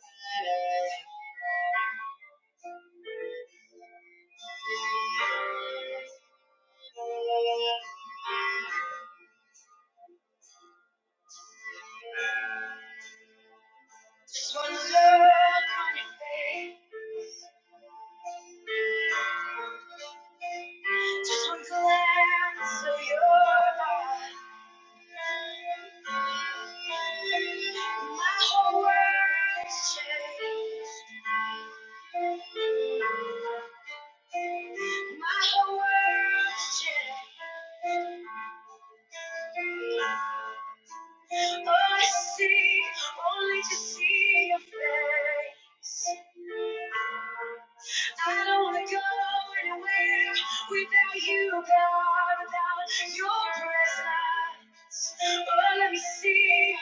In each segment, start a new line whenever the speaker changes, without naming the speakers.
Just one look on your face. Just one glance of your eyes. My world changed. Only to see, only to see your face. I don't wanna go anywhere without you, God, without your presence. Oh, let me see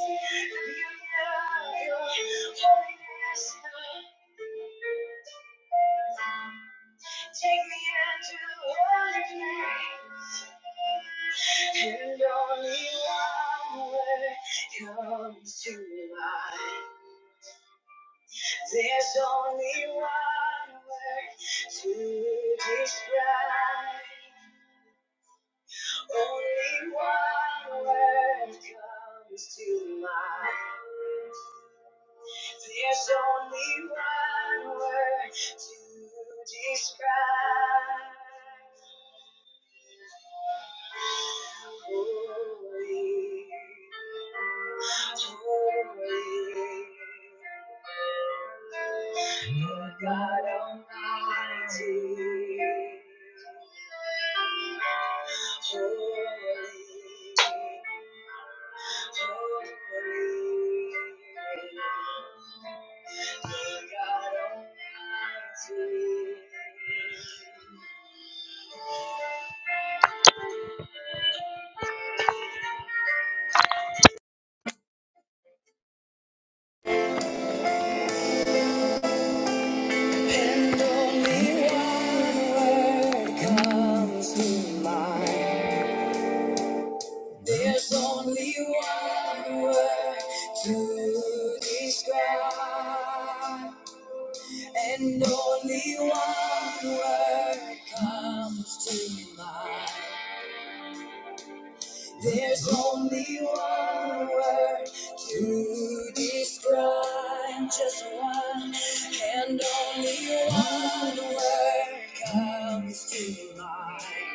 your face. Take me into another place, and only one word comes to mind. There's only one word to describe. Only one word comes to mind. There's only one word to describe. Holy, holy, Lord God Almighty. And only one word comes to mind. There's only one word to describe, and only one word comes to mind. There's only one word to describe, just one, and only one word comes to mind.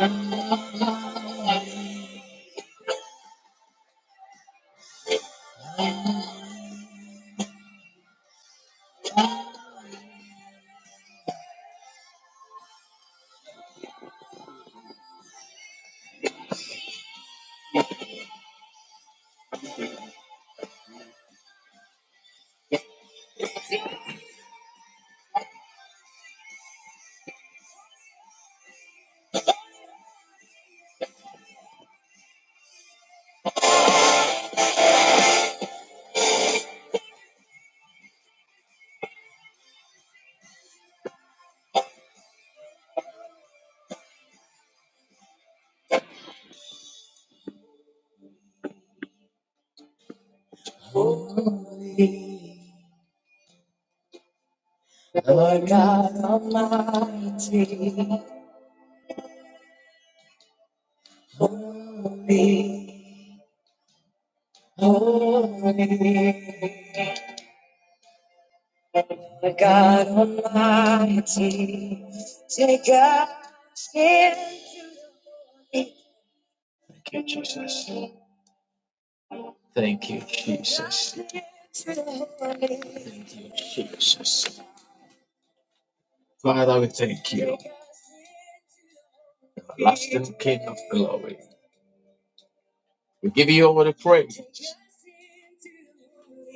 Thank you. Holy, Lord God Almighty, holy, holy, Lord God Almighty, take us. Thank you, Jesus. Thank you, Jesus. Thank you, Jesus. Father, we thank you, everlasting King of glory. We give you all the praise.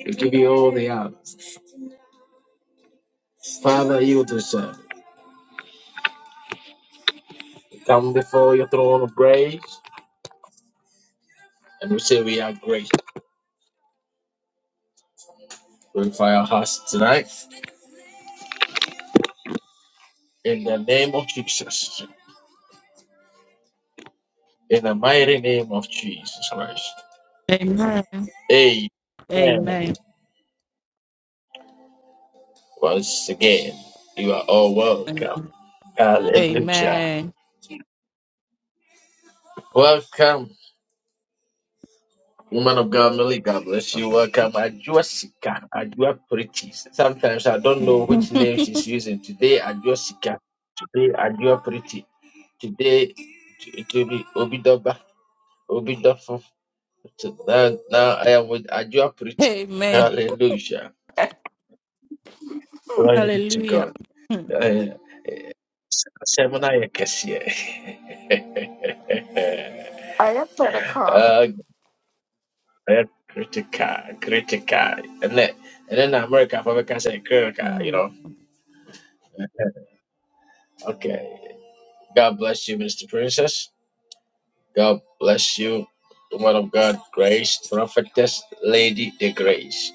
We give you all the honor. Father, you deserve. it. We come before your throne of grace. And we say we are great. Glorify our hearts tonight. In the name of Jesus. In the mighty name of Jesus Christ.
Amen.
Amen.
Amen.
Once again, you are all welcome. Hallelujah.
Amen.
Welcome, woman of God, Millie. God bless you. Welcome, Ajuasika, Ajua Pretty. Sometimes I don't know which name she's using. Today, Ajuasika. Today, Ajua Pretty. Today, it will be Obidoba. Obidoba. So now, now I am with Ajua preaching.
Amen.
Hallelujah.
I
Glory be to
Hallelujah.
God. Uh, Semana yekesie.
am pretty cool.
Uh, eh, critical, critical. And then, and then America, for America, say critical, you
Mm.
know. Eh, Okay. God bless you, Mr. Princess. God bless you, woman of God, Grace, prophetess, Lady the Grace.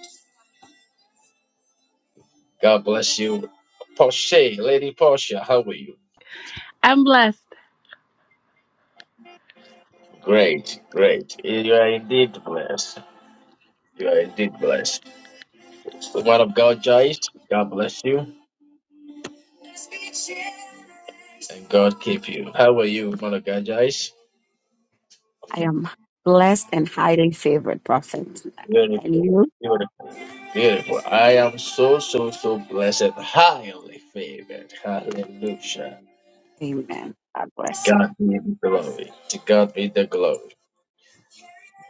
God bless you, Portia, Lady Portia. How are you?
I'm blessed.
Great, great. You are indeed blessed. You are indeed blessed. So, man of God, Joyce, God bless you and God keep you. How are you, man of God, Joyce?
I am blessed and highly favored prophet. And
Beautiful,
you?
beautiful, beautiful. I am so, so, so blessed, highly favored. Hallelujah.
Amen. God
To
bless you.
God be the glory. To God be the glory.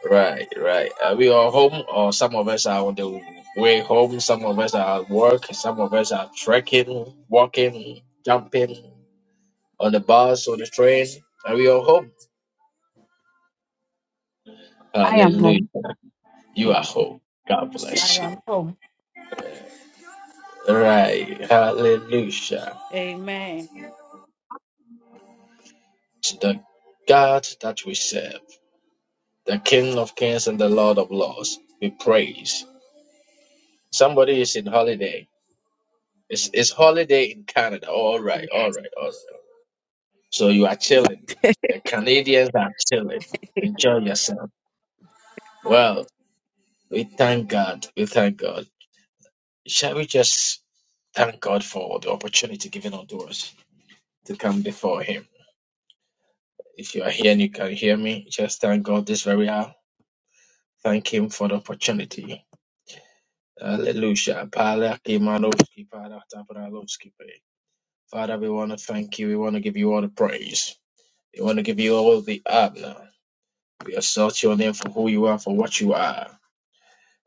Right, right. Are we all home, or some of us are on the way home? Some of us are at work. Some of us are trekking, walking, jumping. on the bus or the train, and we are home.
I am
Hallelujah.
home.
You are
Amen.
home. God
I
bless you.
am home.
Right. Hallelujah.
Amen.
To the God that we serve, the King of Kings and the Lord of Lords, we praise. Somebody is in holiday. It's, it's holiday in Canada. All right, all right, all right. So you are chilling. The Canadians are chilling. Enjoy yourself. Well, we thank God. We thank God. Shall we just thank God for the opportunity given unto us to come before Him? If you are here and you can hear me, just thank God this very hour. Thank Him for the opportunity. Hallelujah. Pala kimanovski, pala tabralovski Father, we want to thank you. We want to give you all the praise. We want to give you all the honor. We assert your name for who you are, for what you are.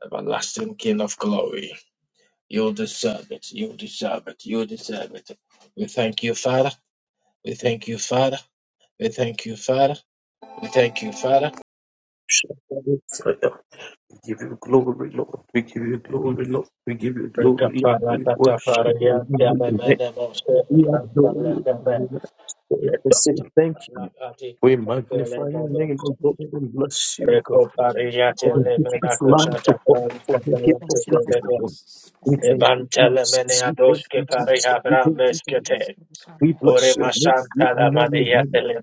Everlasting King of glory. You deserve it. You deserve it. You deserve it. We thank you, Father. We thank you, Father. We thank you, Father. We thank you, Father.
We give you glory, Lord. We give you glory, Lord. We give you
In
glory,
the
Lord. We worship you.
name of
We adore you. We adore you. say thank you. We magnify your name, O God, and bless you, God, for the gift of life, O God, for the gift of life, O God. We thank you, Jesus. We thank you, Jesus. We thank you, Jesus. We bless your name. We honor your name.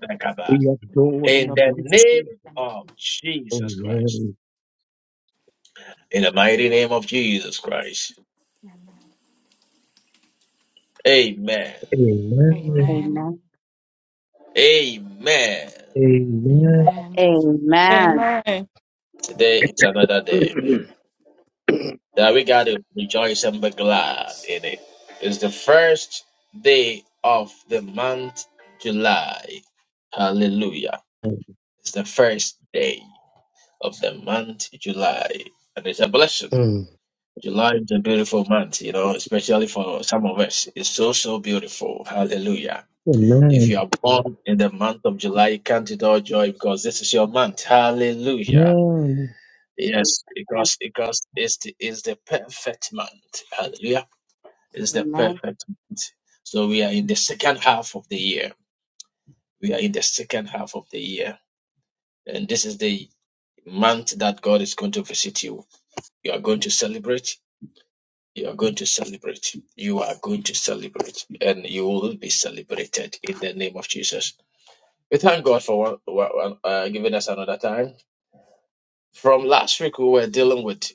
We adore and bless you.
Jesus Christ.
Amen.
In the mighty name of Jesus Christ. Amen.
Amen.
Amen.
Amen.
Amen.
Amen.
Amen.
Today is another day
Amen.
that we got to rejoice and be glad in it. It's the first day of the month, July. Hallelujah. It's the first day of the month, July. And it's a blessing.
Amen.
July is a beautiful month, you know, especially for some of us. It's so, so beautiful. Hallelujah.
Amen.
If you are born in the month of July, count it all joy because this is your month. Hallelujah. Yes, because because it's the, it's the perfect month. Hallelujah. It's the
Amen.
perfect month. So we are in the second half of the year. We are in the second half of the year. And this is the month that God is going to visit you. You are going to celebrate. You are going to celebrate. You are going to celebrate. And you will be celebrated in the name of Jesus. We thank God for one, one- one- uh, giving us another time. From last week, we were dealing with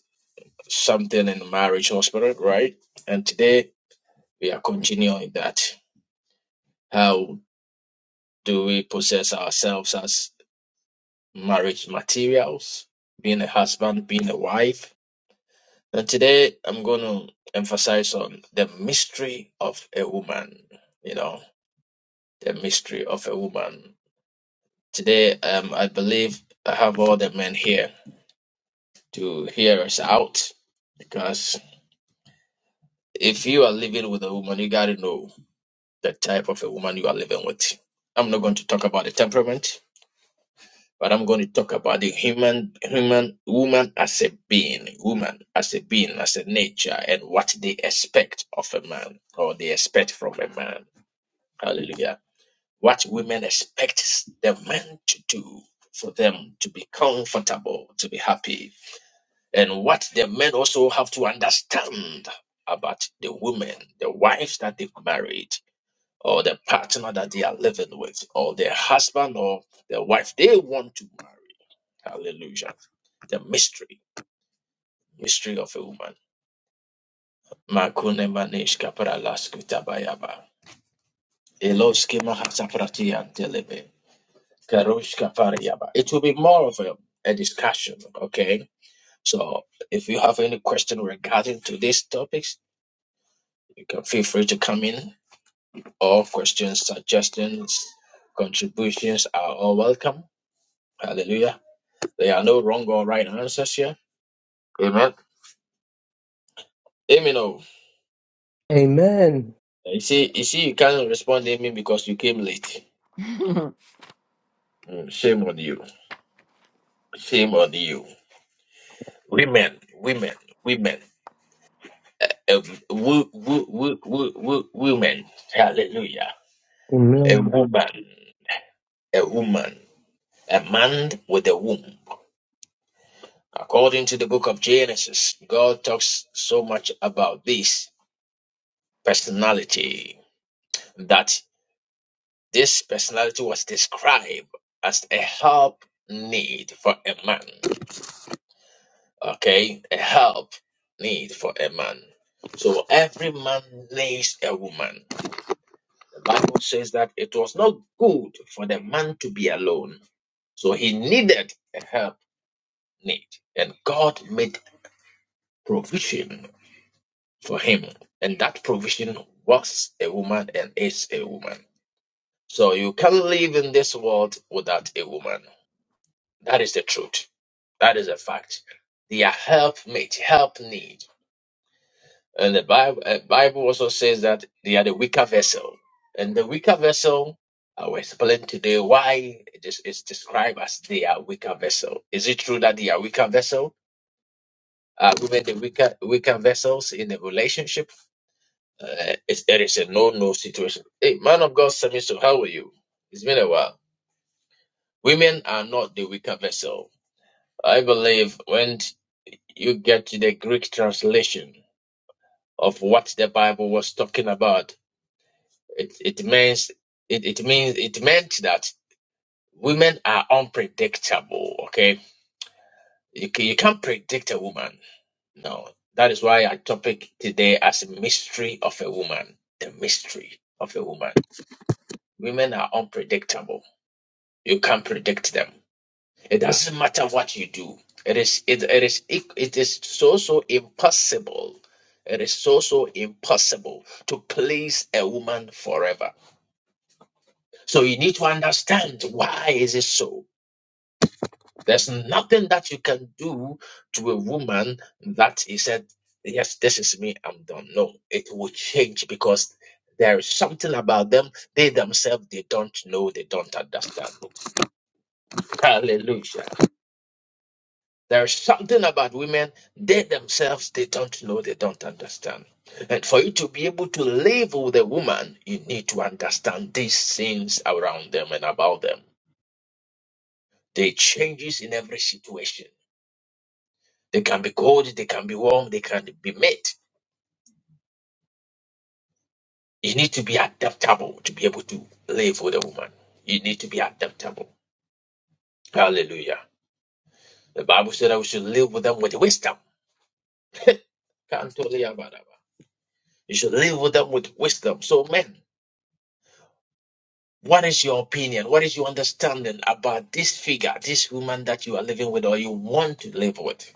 something in marriage hospital, right? And today We are continuing that. How do we possess ourselves as marriage materials? Being a husband, being a wife. And today I'm going to emphasize on the mystery of a woman. You know, the mystery of a woman. Today, um, I believe I have all the men here to hear us out because if you are living with a woman, you got to know the type of a woman you are living with. I'm not going to talk about the temperament. but I'm going to talk about the human, human, woman as a being, woman as a being, as a nature, and what they expect of a man or they expect from a man. Hallelujah. What women expect the men to do for them to be comfortable, to be happy, and what the men also have to understand about the women, the wives that they've married, or the partner that they are living with, or their husband or the wife they want to marry Hallelujah. The mystery, mystery of a woman. Makune manish kapara laskutabayaba. Eloske mahasaprati antelebe. Karosh kapariyaba. It will be more of a, a discussion, okay? So if you have any question regarding to these topics, you can feel free to come in. All questions, suggestions, contributions are all welcome. Hallelujah. There are no wrong or right answers here. Amen. Amen.
Amen.
You see, you see, you can't respond to me because you came late. Mm, shame on you. Shame on you. Women, women, women, uh, wo, wo, wo, wo, wo, women. Hallelujah. A
Amen.
woman, a woman, a man with a womb. According to the book of Genesis, God talks so much about this personality that this personality was described as a help need for a man. okay a help need for a man so every man needs a woman the bible says that it was not good for the man to be alone so he needed a help need and god made provision for him and that provision was a woman and is a woman so you can't live in this world without a woman that is the truth that is a fact they are help help need And the Bible, uh, Bible also says that they are the weaker vessel. And the weaker vessel, I will explain today why it is it's described as they are weaker vessel. Is it true that they are weaker vessel? Are women the weaker weaker vessels in the relationship? Uh, it's, there is a no no situation. Hey, man of God, Samiso, how are you? It's been a while. Women are not the weaker vessel. I believe when you get to the Greek translation of what the Bible was talking about It it means it, it means it meant that women are unpredictable. Okay, you can, you can't predict a woman. No, that is why our topic today as a mystery of a woman, the mystery of a woman. Women are unpredictable. You can't predict them. It doesn't matter what you do. It is it, it is it, it is so so impossible. It is so so impossible to please a woman forever. So you need to understand why is it so? There's nothing that you can do to a woman that he said, Yes, this is me, I'm done. No, it will change because there is something about them. They themselves, they don't know, they don't understand. Hallelujah. There is something about women, they themselves, they don't know, they don't understand. And for you to be able to live with a woman, you need to understand these things around them and about them. They changes in every situation. They can be cold, they can be warm, they can be mixed. You need to be adaptable to be able to live with a woman. You need to be adaptable. Hallelujah. The Bible said that we should live with them with wisdom. Can't totally about that. You should live with them with wisdom. So, men, what is your opinion? What is your understanding about this figure, this woman that you are living with or you want to live with?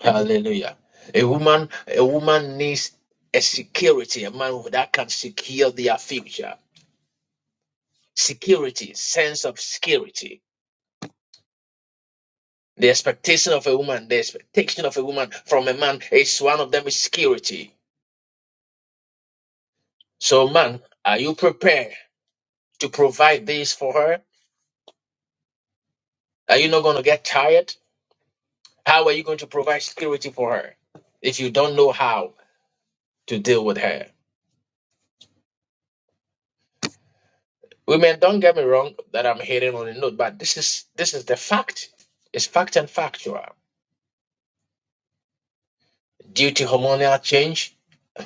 Hallelujah. A woman, a woman needs a security, a man that can secure their future. security, sense of security. The expectation of a woman, the expectation of a woman from a man is one of them is security. So, man, are you prepared to provide this for her? Are you not going to get tired? How are you going to provide security for her if you don't know how to deal with her? Women, don't get me wrong that I'm hitting on a note, but this is this is the fact. It's fact and factual. Due to hormonal change,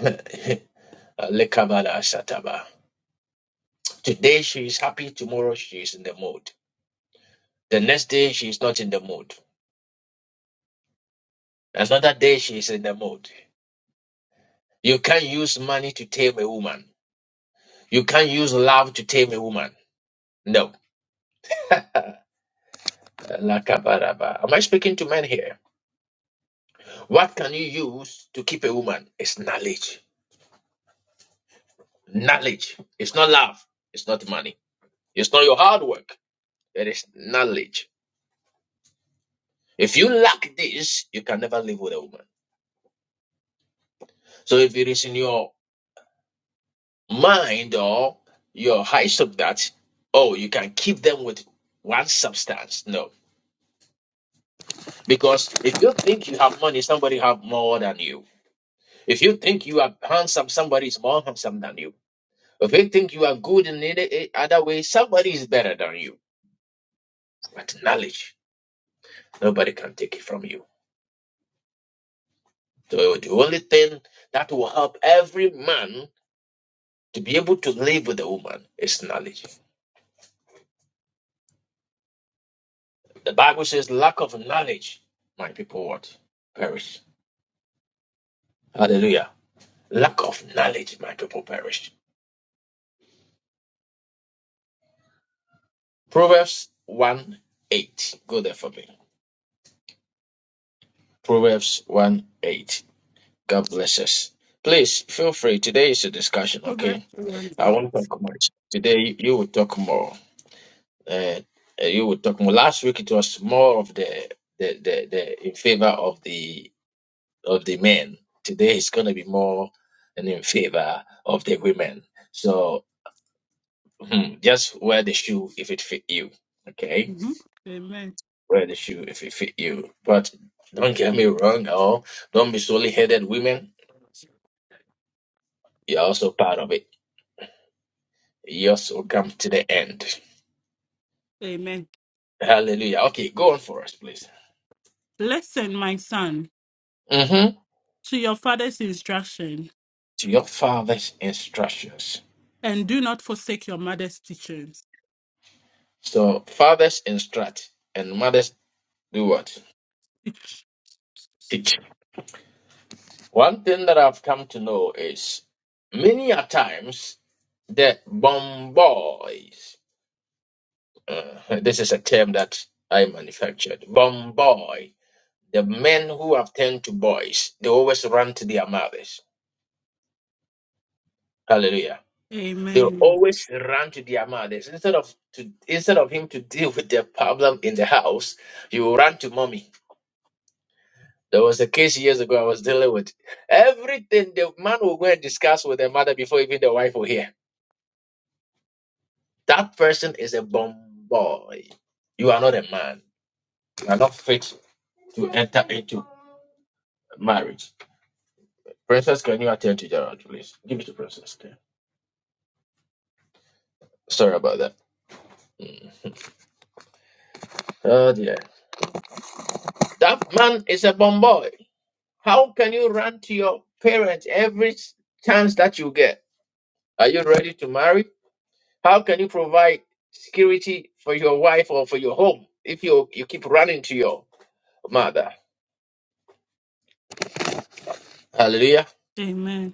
Lekabala Sataba. Today she is happy, tomorrow she is in the mood. The next day she is not in the mood. Another day she is in the mood. You can't use money to tame a woman. You can't use love to tame a woman. No. Lakabaraba. Am I speaking to men here? What can you use to keep a woman? It's knowledge. Knowledge. It's not love. It's not money. It's not your hard work. It is knowledge. If you lack this, you can never live with a woman. So if it is in your mind or your high of that oh you can keep them with one substance no because if you think you have money somebody have more than you if you think you are handsome somebody is more handsome than you if you think you are good in any any other way somebody is better than you but knowledge nobody can take it from you so the only thing that will help every man to be able to live with a woman is knowledge the bible says lack of knowledge my people what perish Hallelujah. Lack of knowledge, my people perish. Proverbs 1 8. Go there for me. Proverbs 1 8. God bless us. Please feel free. Today is a discussion,
Proverbs
okay?
1
I
8.
won't talk much. Today you will talk more. Uh, uh, you will talk more. Last week it was more of the the, the, the in favor of the of the men. Today it's gonna be more and in favor of the women. So hmm, just wear the shoe if it fit you. Okay.
Mhm. Amen.
wear the shoe if it fit you. But don't get me wrong, or don't be solely headed women. You're also part of it. You also
Mhm.
come to the end.
Amen.
Hallelujah. Okay, go on for us, please.
Listen, my son,
hmm
to your father's instruction
To your father's instructions.
and do not forsake your mother's teachings.
So fathers instruct and mothers do what? Teach. One thing that I've come to know is many a times the bomb boys. Uh, this is a term that I manufactured. Bomb The men who have turned to boys, they always run to their mothers. Hallelujah. They
Amen.
always run to their mothers. Instead of to instead of him to deal with their problem in the house, you run to mommy. There was a case years ago I was dealing with. Everything the man will go and discuss with the mother before even the wife will hear. That person is a bomb boy. You are not a man. You are not fit to enter into marriage. Princess, can you attend to Gerald, please? Give it to Princess. Okay. Sorry about that. Mm. Oh dear. That man is a bomb boy. How can you run to your parents every s- chance that you get? Are you ready to marry? How can you provide security for your wife or for your home if you, you keep running to your mother? Hallelujah.
Amen.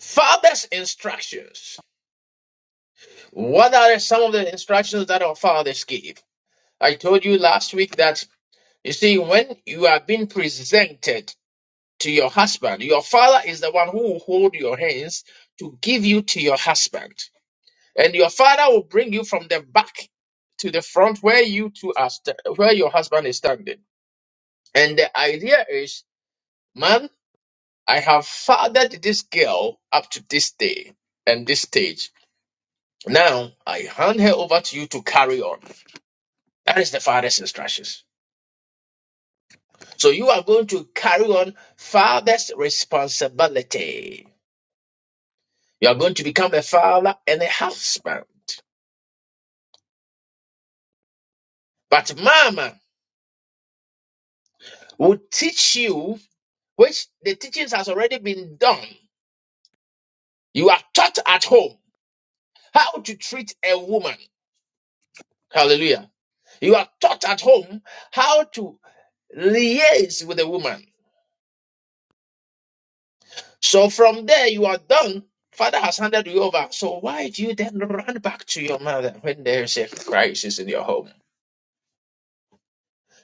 Father's instructions. What are some of the instructions that our fathers give? I told you last week that you see, when you are being presented to your husband. Your father is the one who will hold your hands to give you to your husband. And your father will bring you from the back to the front where you two are st- where your husband is standing. And the idea is, man, I have fathered this girl up to this day and this stage. Now I hand her over to you to carry on. That is the father's instructions. So you are going to carry on father's responsibility. You're going to become a father and a husband. But mama will teach you, which the teachings has already been done. You are taught at home how to treat a woman. Hallelujah. You are taught at home how to liaise with a woman. So from there, you are done. Father has handed you over. So why do you then run back to your mother when there is a crisis in your home?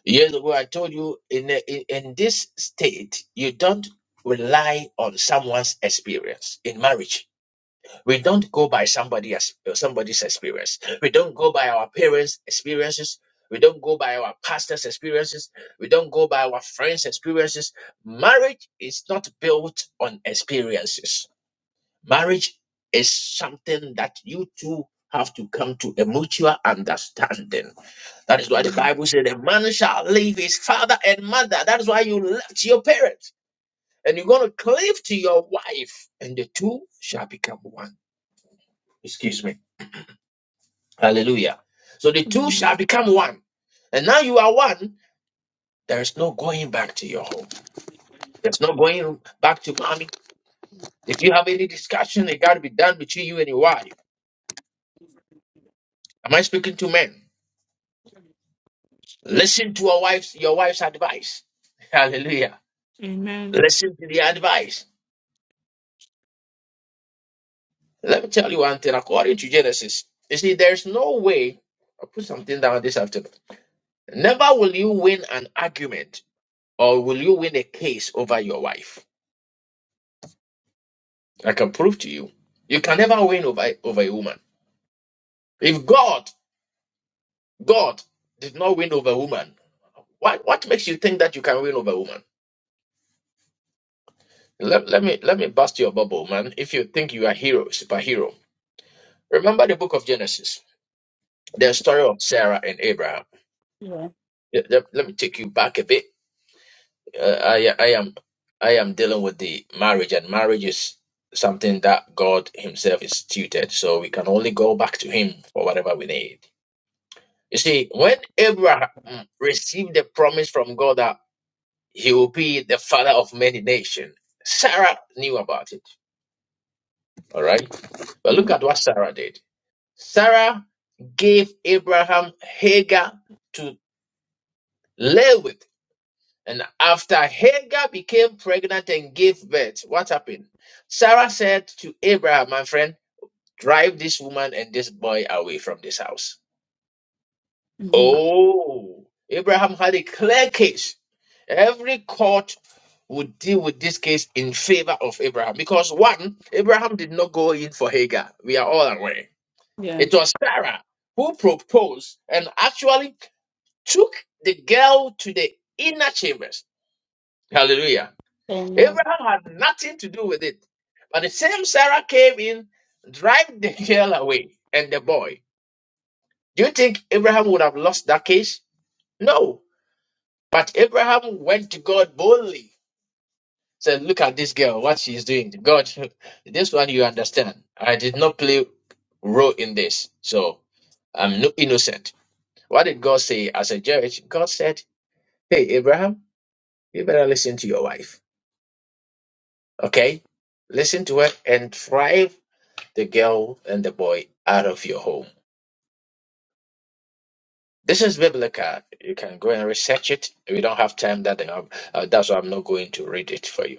Years ago, I told you in, in in this state, you don't rely on someone's experience in marriage. We don't go by somebody as somebody's experience. We don't go by our parents' experiences. We don't go by our pastor's experiences. We don't go by our friends' experiences. Marriage is not built on experiences. Marriage is something that you two have to come to a mutual understanding. That is why the Bible said, A man shall leave his father and mother. That is why you left your parents and you're going to cleave to your wife, and the two shall become one. Excuse me. Hallelujah. So the two
Mhm.
shall become one. And now you are one. There is no going back to your home. There's no going back to mommy. If you have any discussion, it got to be done between you and your wife. Am I speaking to men? Listen to your wife's your wife's advice. Hallelujah.
Amen.
Listen to the advice Let me tell you one thing. According to Genesis, you see, there's no way. I'll put something down this afternoon. Never will you win an argument or will you win a case over your wife. I can prove to you. You can never win over, over a woman. If God, God did not win over a woman, what, what makes you think that you can win over a woman? Let, let me let me bust your bubble, man. If you think you are hero, superhero. Remember the book of Genesis, the story of Sarah and Abraham.
Yeah.
Let, let let me take you back a bit uh, I I am I am dealing with the marriage, and marriage is something that God Himself instituted. So we can only go back to Him for whatever we need. You see, when Abraham received the promise from God that he will be the father of many nations, Sarah knew about it. All right, but look
Mhm.
at what Sarah did. Sarah gave Abraham Hagar to live with. And after Hagar became pregnant and gave birth, what happened? Sarah said to Abraham, my friend, drive this woman and this boy away from this house.
Mhm.
Oh, Abraham had a clear case. Every court would deal with this case in favor of Abraham because one, Abraham did not go in for Hagar. We are all aware.
Yeah.
It was Sarah who proposed and actually took the girl to the inner chambers. Hallelujah
Amen.
Abraham had nothing to do with it. But the same Sarah came in, drive the girl away and the boy. Do you think Abraham would have lost that case? No. But Abraham went to God boldly. Said, look at this girl, what she's doing. God, this one you understand. I did not play role in this. So I'm no innocent. What did God say as a judge? God said, Hey Abraham, you better listen to your wife. Okay? Listen to her and thrive the girl and the boy out of your home. This is biblical. You can go and research it. We don't have time that uh, uh, that's why I'm not going to read it for you.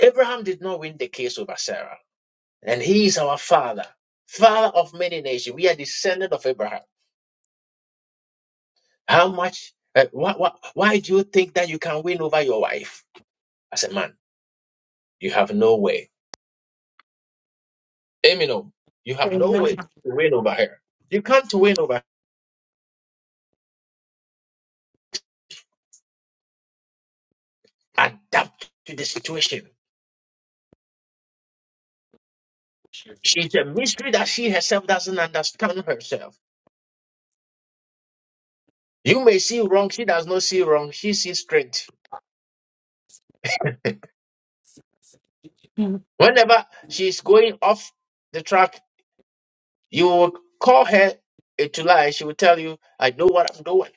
Abraham did not win the case over Sarah, and he is our father, father of many nations. We are descendant of Abraham. How much? Uh, why, why, why do you think that you can win over your wife as a man? You have no way. Amino, you have no
Amen.
way to win over her. You can't win over. her. Adapt to the situation. She's a mystery that she herself doesn't understand herself. You may see wrong, she does not see wrong, she sees straight.
Mm,
Whenever she's going off the track, you will call her to lie. She will tell you, I know what I'm doing.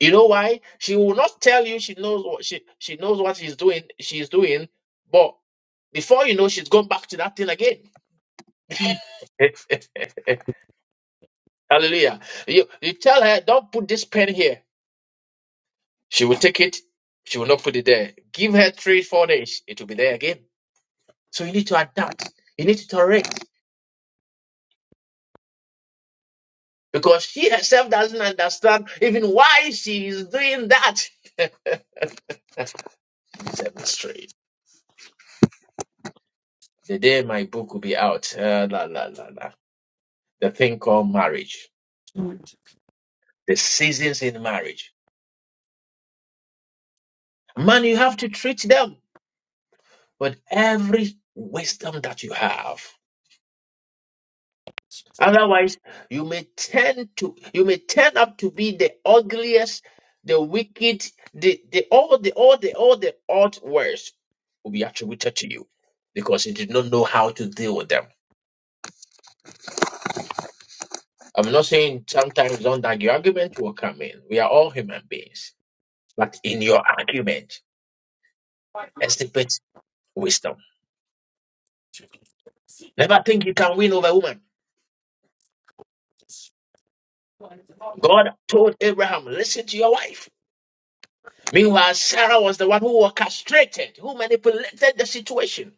You know why? She will not tell you she knows what she, she knows what she's doing, she's doing, but before you know she's gone back to that thing again.
mm,
Hallelujah. You you tell her, don't put this pen here. She will take it, she will not put it there. Give her three, four days, it will be there again. So you need to adapt, you need to tolerate because she herself doesn't understand even why she is doing that. Seven straight. The day my book will be out, uh, la, la, la, la. the thing called marriage,
mm.
the seasons in marriage. Man, you have to treat them with every wisdom that you have. Otherwise, you may turn to you may turn up to be the ugliest, the wicked, the, the all the all the all the odd words will be attributed to you because you did not know how to deal with them. I'm not saying sometimes don't argue. Argument will come in. We are all human beings. But in your argument, exhibit wisdom. Never think you can win over a woman. God told Abraham, listen to your wife. Meanwhile, Sarah was the one who was castrated, who manipulated the situation.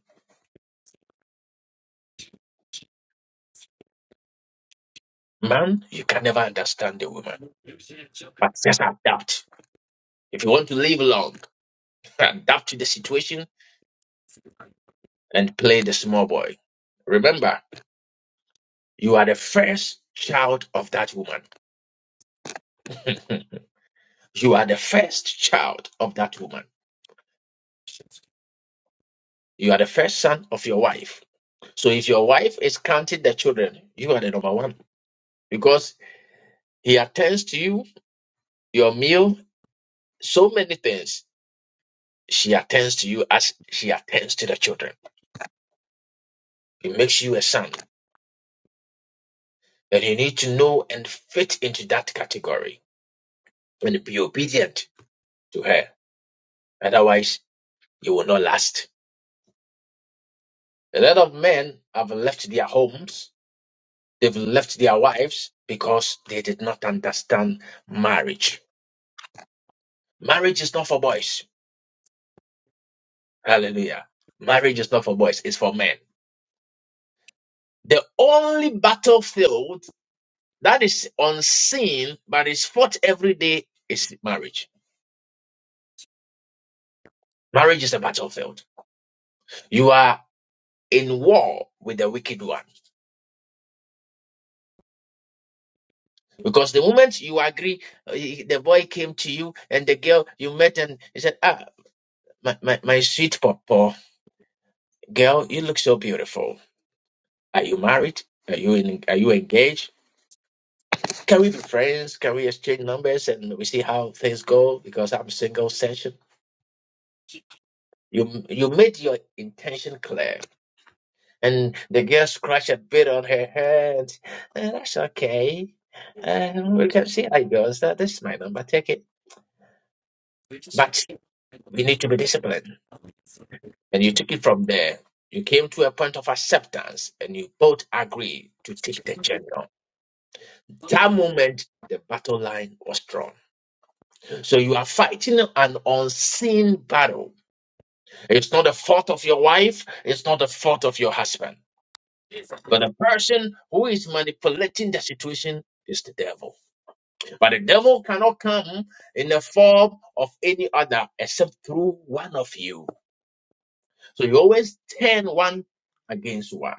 Man, you can never understand a woman, but just adapt. If you want to live long, adapt to the situation and play the small boy. Remember, you are the first child of that woman. you are the first child of that woman. You are the first son of your wife. So if your wife is counting the children, you are the number one because he attends to you, your meal, so many things. She attends to you as she attends to the children. It makes you a son. that you need to know and fit into that category and be obedient to her. Otherwise, you will not last. A lot of men have left their homes, they've left their wives because they did not understand marriage. Marriage is not for boys. Hallelujah. Marriage is not for boys, it's for men. The only battlefield that is unseen but is fought every day is marriage. Marriage is a battlefield. You are in war with the wicked one. Because the moment you agree, uh, he- the boy came to you and the girl you met and he said, Ah, my, my, my sweet papa, girl, you look so beautiful. Are you married? Are you in, are you engaged? Can we be friends? Can we exchange numbers and we see how things go? Because I'm single session. You you made your intention clear. And the girl scratched a bit on her head. "Eh, that's okay. And we can see how it goes. That- This is my number. Take it. But we need to be disciplined And you took it from there. You came to a point of acceptance and you both agreed to take the journey on. That moment, the battle line was drawn. So you are fighting an unseen battle. It's not the fault of your wife, it's not the fault of your husband. But the person who is manipulating the situation is the devil. But the devil cannot come in the form of any other except through one of you. So you always turn one against one.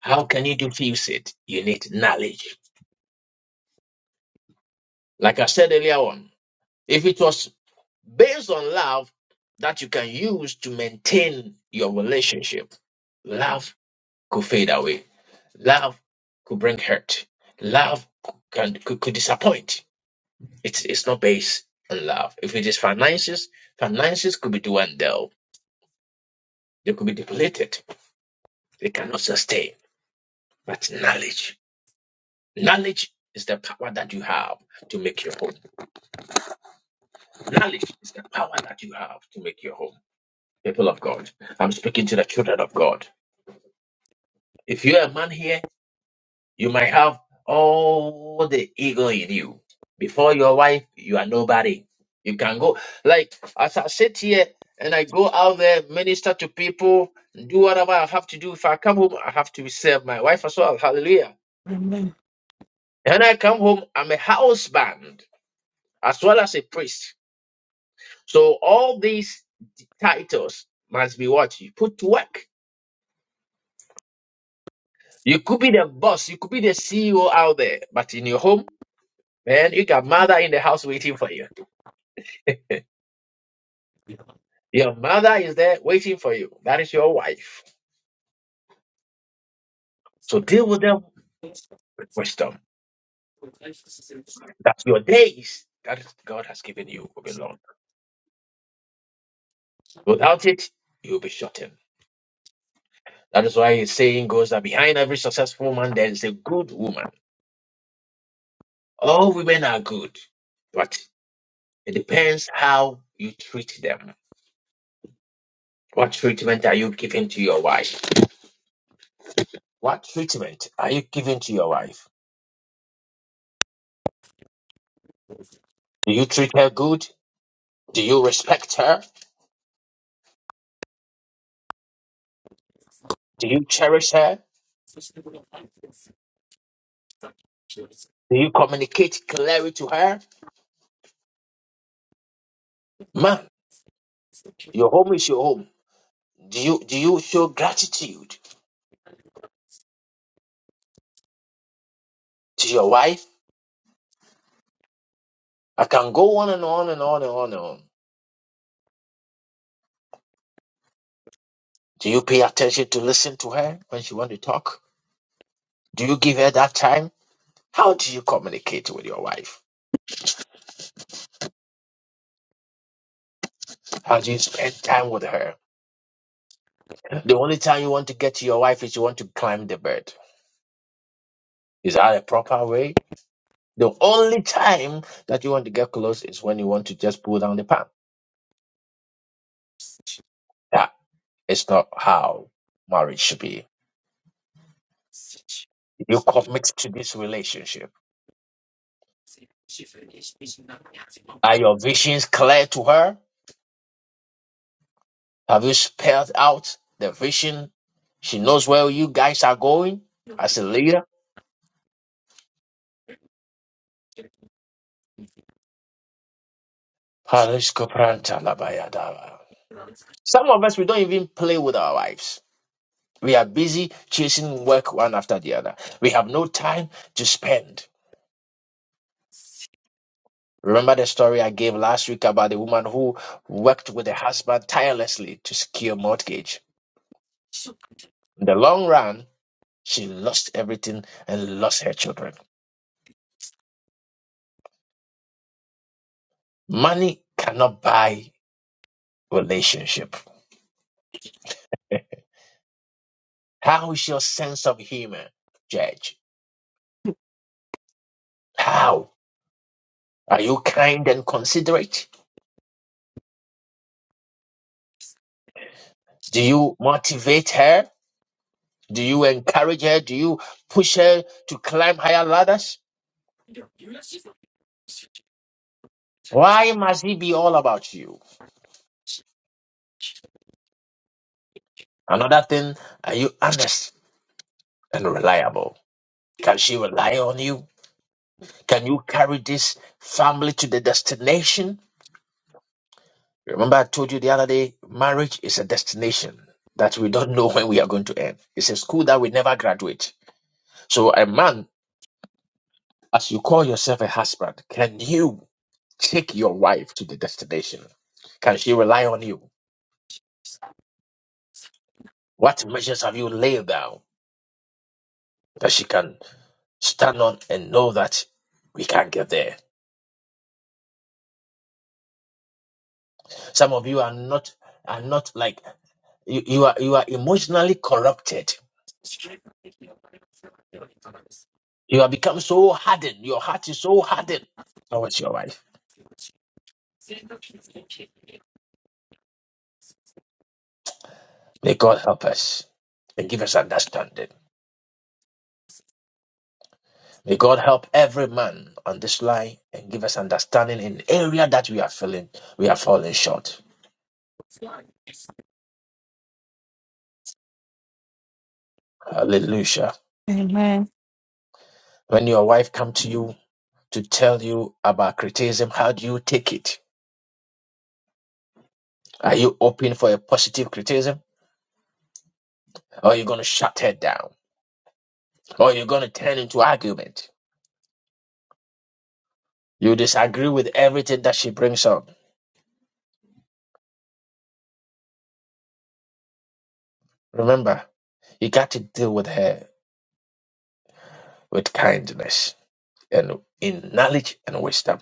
How can you diffuse it? You need knowledge. Like I said earlier on, if it was based on love that you can use to maintain your relationship, love could fade away. Love could bring hurt. Love can, could, could disappoint. It's, it's not based on love. If it is finances, finances could be dwindled. They could be depleted. They cannot sustain. But knowledge, knowledge is the power that you have to make your own. Knowledge is the power that you have to make your home. People of God, I'm speaking to the children of God. If you're a man here, you might have all the ego in you. Before your wife, you are nobody. You can go, like, as I sit here and I go out there, minister to people, do whatever I have to do. If I come home, I have to serve my wife as well. Hallelujah. And I come home, I'm a husband as well as a priest. So all these titles must be what? You put to work. You could be the boss, you could be the CEO out there, but in your home, man, you got mother in the house waiting for you. Your mother is there waiting for you. That is your wife. So deal with them with wisdom. That's your days that God has given you will be long. Without it, you'll be shortened. That is why his saying goes that behind every successful man there is a good woman. All women are good, but it depends how you treat them. What treatment are you giving to your wife? What treatment are you giving to your wife? Do you treat her good? Do you respect her? Do you cherish her? Do you communicate clearly to her? Man, your home is your home. Do you do you show gratitude to your wife? I can go on and on and on and on and on. Do you pay attention to listen to her when she wants to talk? Do you give her that time? How do you communicate with your wife? How do you spend time with her? The only time you want to get to your wife is you want to climb the bed. Is that a proper way? The only time that you want to get close is when you want to just pull down the pan. That is not how marriage should be. Did You commit to this relationship. Are your visions clear to her? Have you spelled out the vision? She knows where you guys are going as a leader. Paris Kopranta Labayadava. Some of us, we don't even play with our wives. We are busy chasing work one after the other. We have no time to spend. Remember the story I gave last week about the woman who worked with her husband tirelessly to secure mortgage. In the long run, she lost everything and lost her children. Money cannot buy relationship. How is your sense of humor, Judge? How? Are you kind and considerate? Do you motivate her? Do you encourage her? Do you push her to climb higher ladders? Why must it be all about you? Another thing, are you honest and reliable. Can she rely on you? Can you carry this family to the destination? Remember, I told you the other day, marriage is a destination that we don't know when we are going to end. It's a school that we never graduate. So, a man, as you call yourself a husband, can you take your wife to the destination? Can she rely on you? What measures have you laid down that she can stand on and know that we can't get there? Some of you are not are not like You, you are you are emotionally corrupted. You have become so hardened. Your heart is so hardened towards your wife. May God help us and give us understanding. May God help every man on this line and give us understanding in area that we are feeling we are falling short.
Amen.
Hallelujah.
Amen.
When your wife come to you to tell you about criticism, how do you take it? Are you open for a positive criticism? Or are you gonna shut her down? Or are you gonna turn into argument? You disagree with everything that she brings up. Remember, you got to deal with her with kindness and in knowledge and wisdom.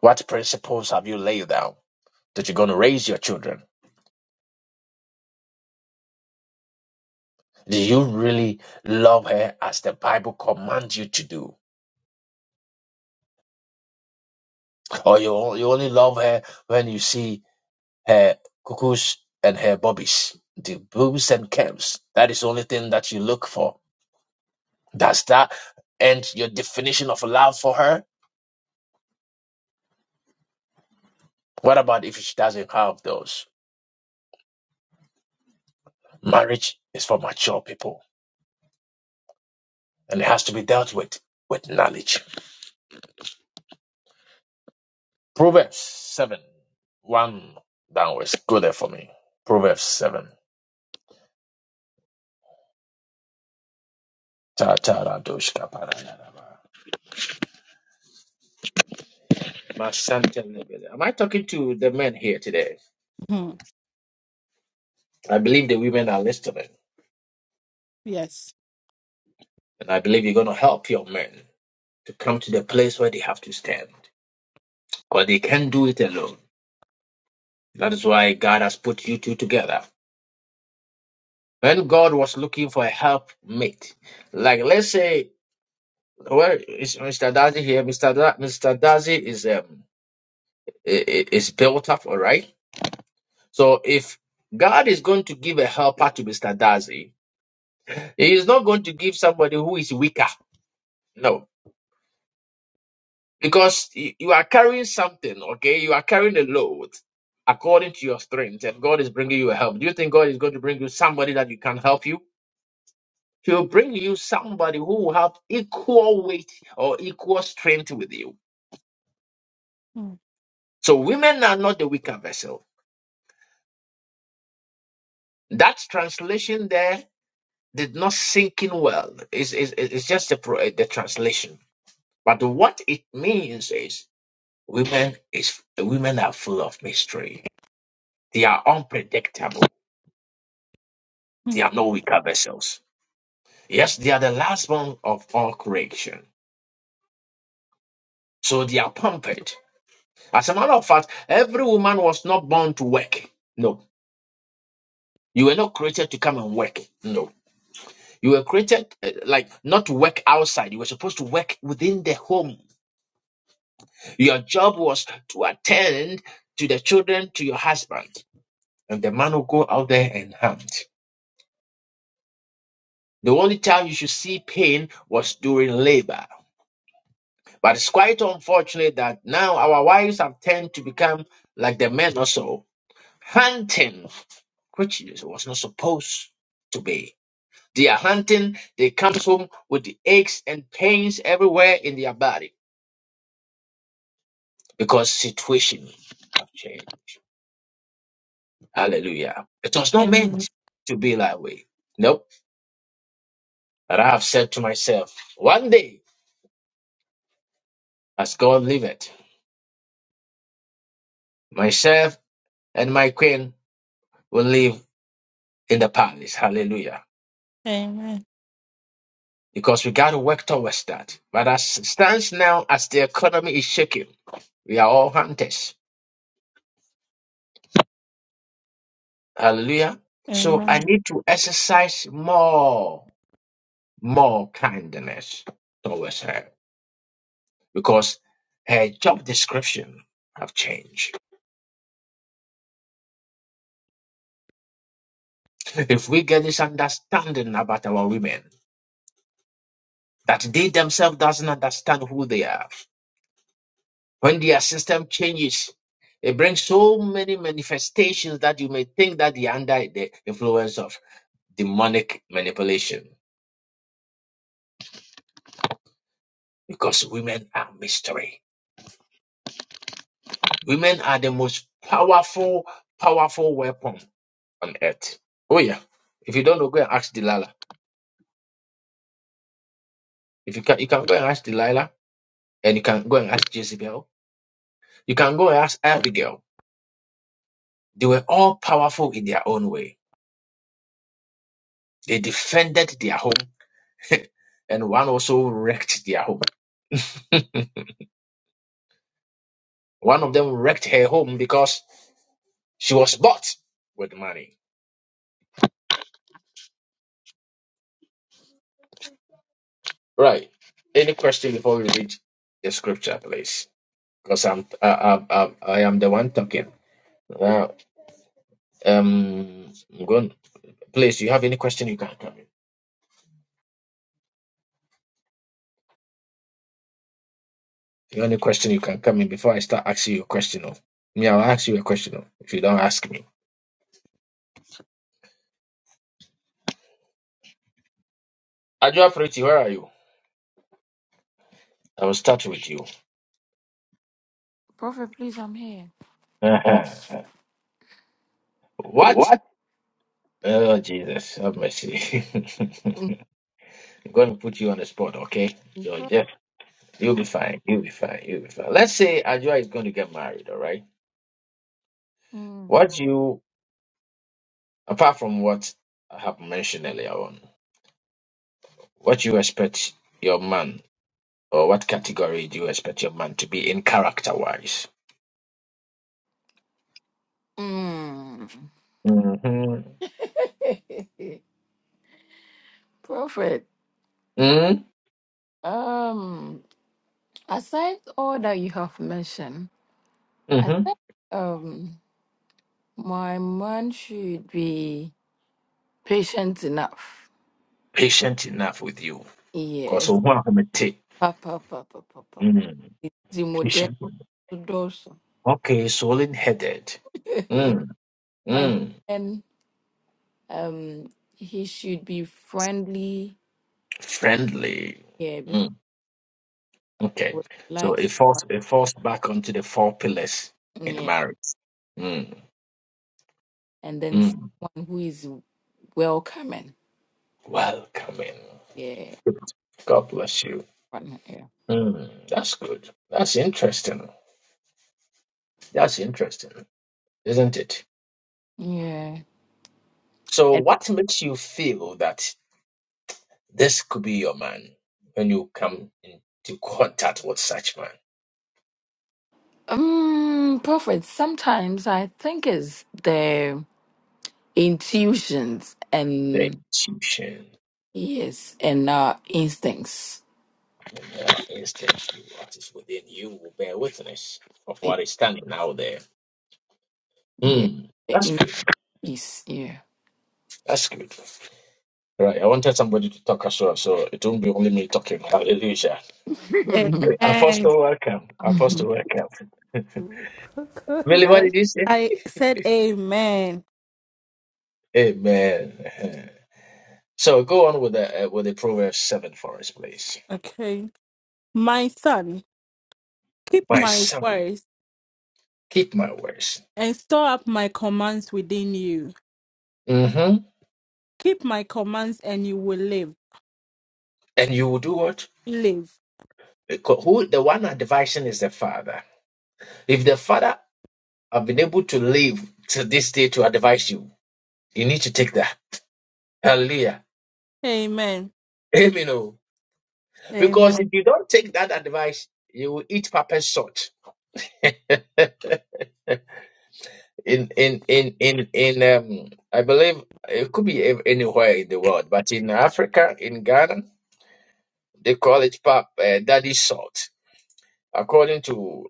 What principles have you laid down that you're going to raise your children? Do you really love her as the Bible commands you to do? Or you, you only love her when you see her cuckoos and her bobbies, the booms and camps? That is the only thing that you look for. Does that end your definition of love for her? What about if she doesn't have those? Marriage is for mature people and it has to be dealt with with knowledge. Proverbs 7 1 downwards. Go there for me. Proverbs 7. Ta- ta- ra- dosh- ka- pa- ra- ra- ra. Ma- shante- le- be- Am I talking to the men here today?
Mm,
I believe the women are listening
Yes.
and I believe you're going to help your men to come to the place where they have to stand because they can't do it alone. That is why God has put you two together when God was looking for a helpmate, like let's say, where is Mr. Dazi here? Mr. Da- Mr. Dazi is um i- i- is built up, all right. So if God is going to give a helper to Mr. Dazi, He is not going to give somebody who is weaker. No, because y- you are carrying something. Okay, you are carrying a load according to your strength, and God is bringing you a help. Do you think God is going to bring you somebody that you can help you? He'll bring you somebody who will have equal weight or equal strength with you.
Mm,
So women are not the weaker vessel. That translation there did not sink in well. It's, it's, it's just the, pro- the translation. But what it means is women is women are full of mystery. They are unpredictable. They
mm.
are no weaker vessels. Yes, they are the last one of all creation. So they are pampered. As a matter of fact, every woman was not born to work. No. You were not created to come and work. No. You were created eh, like not to work outside. You were supposed to work within the home. Your job was to attend to the children, to your husband. And the man will go out there and hunt. The only time you should see pain was during labor. But it's quite unfortunate that now our wives have tend to become like the men also, hunting, which was not supposed to be. They are hunting, they come home with the aches and pains everywhere in their body because situation have changed. Hallelujah. It was not
Amen.
meant to be that way. Nope. But I have said to myself, one day, as God liveth, myself and my queen will live in the palace. Hallelujah.
Amen.
Because we got to work towards that. But as it stands now, as the economy is shaking, we are all hunters. Hallelujah. So I
Amen.
need to exercise more more kindness towards her because her job description have changed. If we get this understanding about our women, that they themselves doesn't understand who they are, when their system changes, it brings so many manifestations that you may think that they are under the influence of demonic manipulation. Because women are mystery. Women are the most powerful, powerful weapon on earth. Oh yeah. If you don't know, go and ask Delilah. If you can, you can go and ask Delilah, and you can go and ask Jezebel. You can go and ask Abigail. They were all powerful in their own way. They defended their home, and one also wrecked their home. One of them wrecked her home because she was bought with money. Right. Any question before we read the scripture, please? Because I'm I, I, I, I am the one talking. Now, um, go on. Please, you have any question? You can come in. The only question you can come in before I start asking you a question of. Me, I'll ask you a question of if you don't ask me. Adjo Afreti, where are you? I will start with you. Uh-huh. What?
what?
Oh Jesus, have mercy. I'm going to put you on the spot, okay? So Jeff, you'll be fine. You'll be fine. You'll be fine. Let's say Adjo is going to get married, all right? What do you apart from what I have mentioned earlier on, what do you expect your man or what category do you expect your man to be in character wise?
Mm. Prophet,
Mm-hmm.
um, aside all that you have mentioned, I think um my man should be patient enough.
Patient enough with you. Because
Yes.
mm.
Papa papa papa. The model
patient.
also.
Okay, swollen headed. Mm.
and
Mm.
then um he should be friendly.
Friendly.
Yeah, because
Mm. Okay. So it
likes.
falls it falls back onto the four pillars in
yeah.
marriage. Mm.
and then
Mm.
someone who is welcoming.
Welcoming.
Yeah,
God bless you.
partner, yeah,
Mm. That's good. That's interesting. That's interesting, isn't it?
yeah.
So
And
what makes you feel that This could be your man when you come into contact with such man.
um, prophet. Sometimes I think is the intuitions
The
and
intuition
yes, and uh, instincts.
and the instinct you- what is within you will bear witness of
Eh,
what is standing out there.
Yeah,
Hmm. That's
in
good.
peace. Yeah.
That's good. Right. I wanted somebody to talk as well, so it won't be only me talking. Hallelujah.
Amen.
Apostle, welcome. Apostle, welcome.
God
Millie, what
bless.
did you say?
I said amen.
Amen. So go on with the uh, with the Proverbs seven for us, please.
Okay. My son, keep
My
my
son,
words
keep my words.
and store up my commands within you.
hmm
Keep my commands and you will live.
And you will do what?
Live.
Because who the one advising is the father. If the father have been able to live to this day to advise you, you need to take that. Hallelujah.
Amen.
Amen. oh. Because
Amen.
if you don't take that advice, you will eat papa's salt. in in in in in um I believe it could be ev- anywhere in the world, but in Africa, in Ghana, they call it pap uh, daddy salt, according to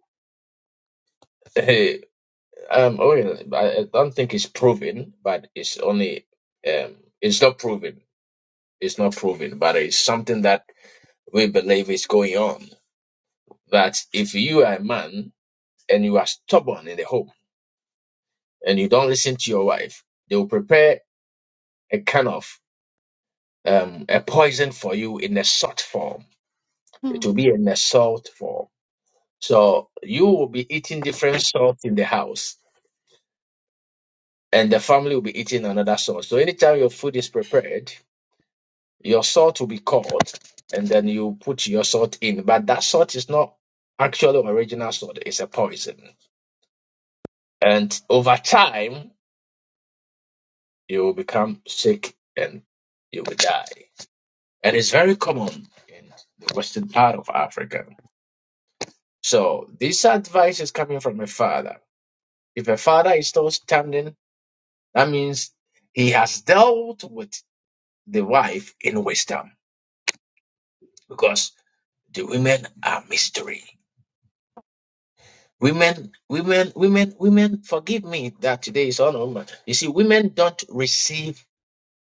Um, oh yeah, I, I don't think it's proven, but it's only um, it's not proven. It's not proven, but it's something that we believe is going on. That if you are a man and you are stubborn in the home and you don't listen to your wife, they will prepare a kind of um, a poison for you in a salt form.
Hmm.
It will be in a salt form. So you will be eating different salt in the house, and the family will be eating another salt. So anytime your food is prepared Your salt will be cold, and then you put your salt in. But that salt is not actually original salt, it's a poison. And over time, you will become sick and you will die. And it's very common in the western part of Africa. So this advice is coming from a father. If a father is still standing, that means he has dealt with the wife in wisdom because the women are mystery. Women, women, women, women, forgive me that today is all over. You see, women don't receive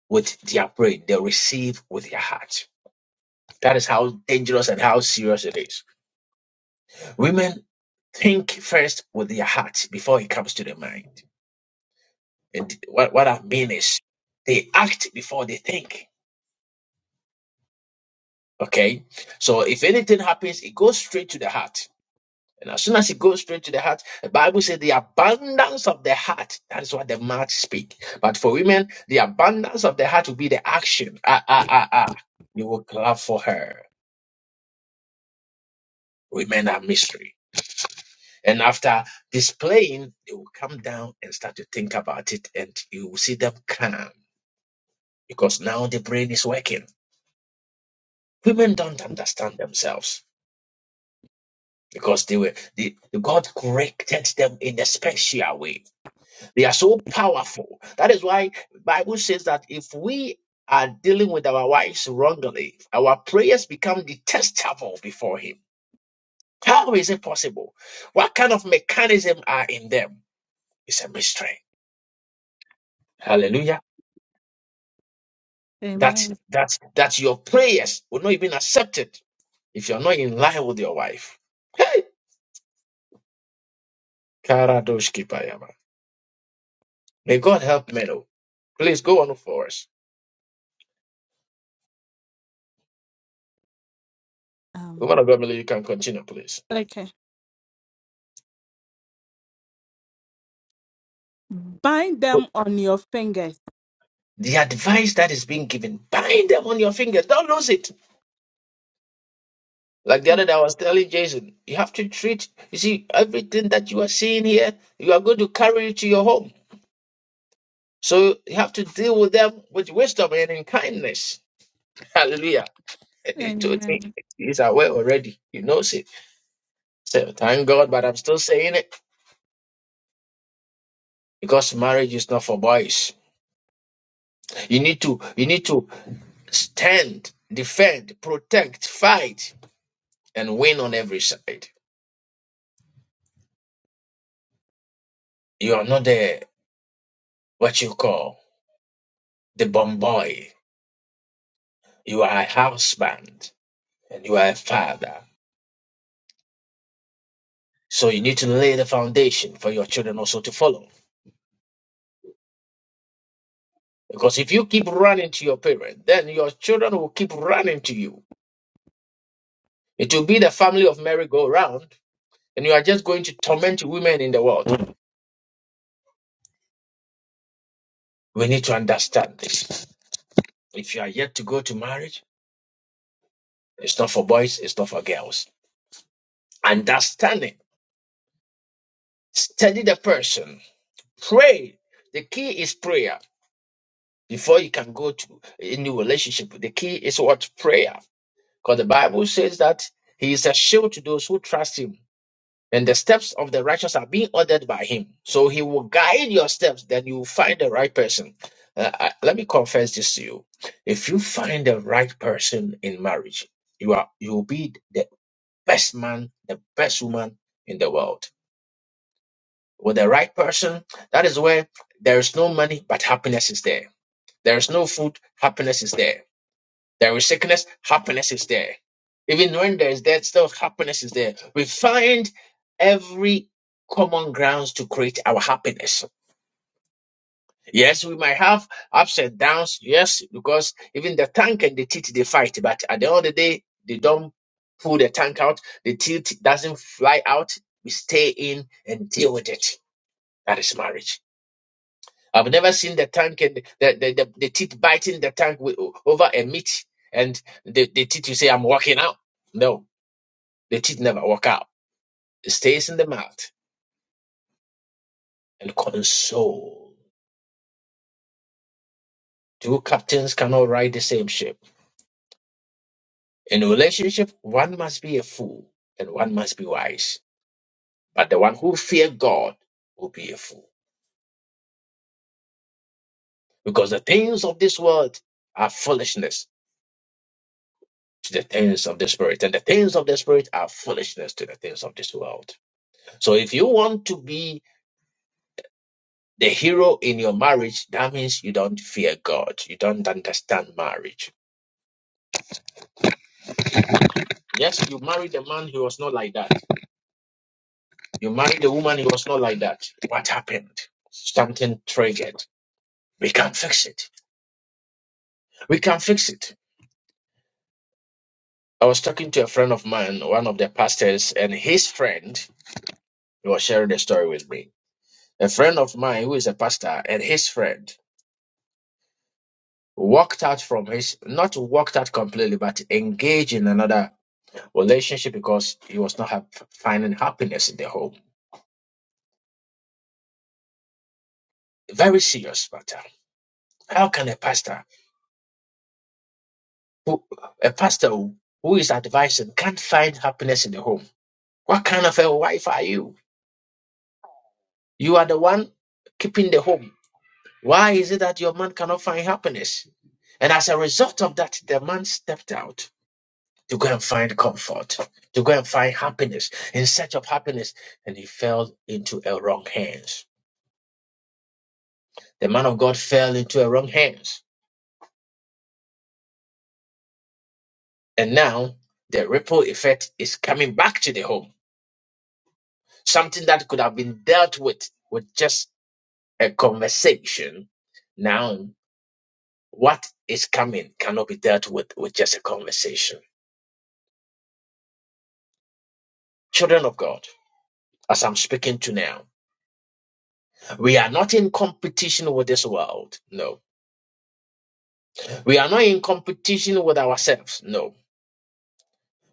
with their brain, they receive with their heart. That is how dangerous and how serious it is. Women think first with their heart before it comes to their mind. And what, what I mean is they act before they think. Okay? So if anything happens, it goes straight to the heart. And as soon as it goes straight to the heart, the Bible says the abundance of the heart, that is what the mouth speak. But for women, the abundance of the heart will be the action. Ah, ah, ah, ah. You will clap for her. Women are mystery. And after displaying, they will come down and start to think about it and you will see them calm because now the brain is working. Women don't understand themselves because they were, they, God corrected them in a special way. They are so powerful. That is why Bible says that if we are dealing with our wives wrongly, our prayers become detestable before Him. How is it possible? What kind of mechanism are in them? It's a mystery. Hallelujah. That
Amen.
that that your prayers will not even accepted if you're not in line with your wife. Hey, Karadoshki Payama. May God help Melo. Please go on for us.
Um,
Woman of God, Melo, you can continue, please.
okay. Bind them on your fingers.
The advice that is being given, bind them on your finger. Don't lose it. Like the other day, I was telling Jason, you have to treat, you see, everything that you are seeing here, you are going to carry it to your home. So you have to deal with them with wisdom and in kindness. Hallelujah. And he told me,
Amen.
he's aware already. He knows it. So thank God, but I'm still saying it because marriage is not for boys. You need to, you need to stand, defend, protect, fight, and win on every side. You are not there. what you call the bomb boy. You are a husband and you are a father. So you need to lay the foundation for your children also to follow. Because if you keep running to your parent, then your children will keep running to you. It will be the family of merry go round, and you are just going to torment women in the world. We need to understand this. If you are yet to go to marriage, it's not for boys, it's not for girls. Understand it. Study the person. Pray. The key is prayer Before you can go to any relationship, the key is what? Prayer. Because the Bible says that he is a shield to those who trust him. And the steps of the righteous are being ordered by him. So he will guide your steps, then you will find the right person. Uh, I- let me confess this to you. If you find the right person in marriage, you are you will be the best man, the best woman in the world. With the right person, that is where there is no money, but happiness is there. There is no food, happiness is there There is sickness, happiness is there. Even when there is death, still happiness is there. We find every common grounds to create our happiness. Yes, we might have ups and downs. Yes, because even the tank and the teeth they fight, but at the end of the day, they don't pull the tank out. The teeth doesn't fly out. We stay in and deal with it. That is marriage. I've never seen the tank and the, the, the, the teeth biting the tank with, over a meat and the, the teeth you say, I'm walking out. No, the teeth never walk out. It stays in the mouth and console. Two captains cannot ride the same ship. In a relationship, one must be a fool and one must be wise. But the one who fear God will be a fool. Because the things of this world are foolishness to the things of the spirit, and the things of the spirit are foolishness to the things of this world. So if you want to be the hero in your marriage, that means you don't fear God. You don't understand marriage. Yes, you married a man, he was not like that. You married a woman, he was not like that. What happened? Something triggered. We can fix it. We can fix it. I was talking to a friend of mine, one of the pastors, and his friend, he was sharing the story with me. A friend of mine who is a pastor and his friend walked out from his, not walked out completely, but engaged in another relationship because he was not hap finding happiness in the home. Very serious matter. How can a pastor, who, a pastor who who is advising, can't find happiness in the home? What kind of a wife are you? You are the one keeping the home. Why is it that your man cannot find happiness? And as a result of that, the man stepped out to go and find comfort, to go and find happiness, in search of happiness, and he fell into a wrong hands. The man of God fell into a wrong hands And now the ripple effect is coming back to the home. Something that could have been dealt with with just a conversation. Now, what is coming cannot be dealt with with just a conversation. Children of God, as I'm speaking to now, we are not in competition with this world. No. We are not in competition with ourselves. No.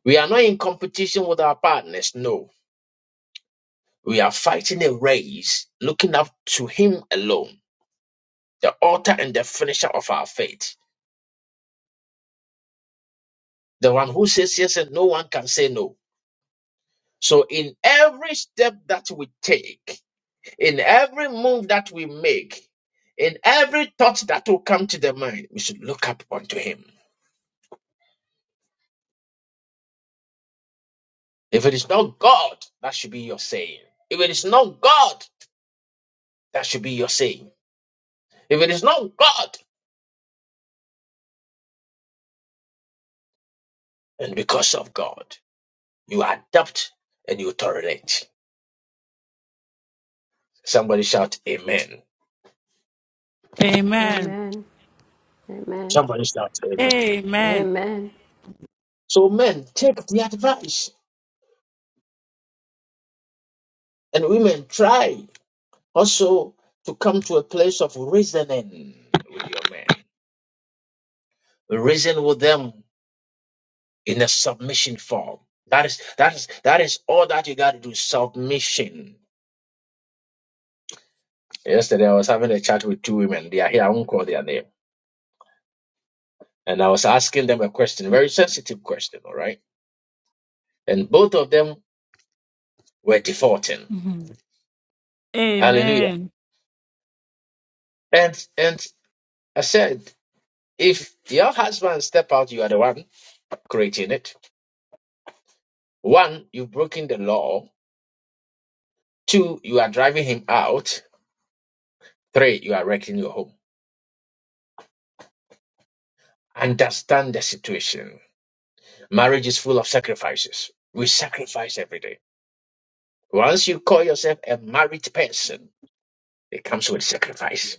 We are not in competition with our partners. No. We are fighting a race looking up to Him alone the author and the finisher of our faith, the one who says yes and no one can say no. So, in every step that we take, in every move that we make, in every thought that will come to the mind, we should look up unto Him. If it is not God, that should be your saying. If it is not God, that should be your saying. If it is not God, and because of God, you adapt and you tolerate. Somebody shout, Amen.
Amen.
Amen. Amen.
Somebody shout, Amen.
Amen.
Amen.
So men, take the advice, and women, try also to come to a place of reasoning with your men. Reason with them in a submission form. That is that is that is all that you got to do. Submission. Yesterday, I was having a chat with two women. They are here. I won't call their name. And I was asking them a question, very sensitive question. All right, and both of them were defaulting.
Mhm.
Hallelujah.
Amen.
And and I said, if your husband step out, you are the one creating it. One, you've broken the law. Two, you are driving him out. Three, you are wrecking your home. Understand the situation. Marriage is full of sacrifices. We sacrifice every day. Once you call yourself a married person, it comes with sacrifice.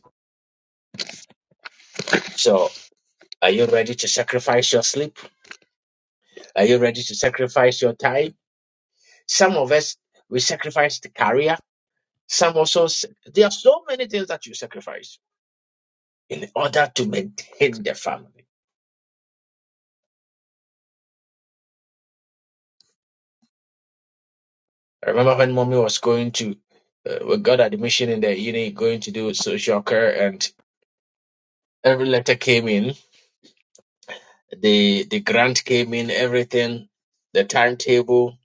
So, are you ready to sacrifice your sleep? Are you ready to sacrifice your time? Some of us, we sacrifice the career. Some also, s- there are so many things that you sacrifice in order to maintain the family. I remember when mommy was going to, uh, we got admission in the uni, going to do social care, and every letter came in, the the grant came in, everything, the timetable.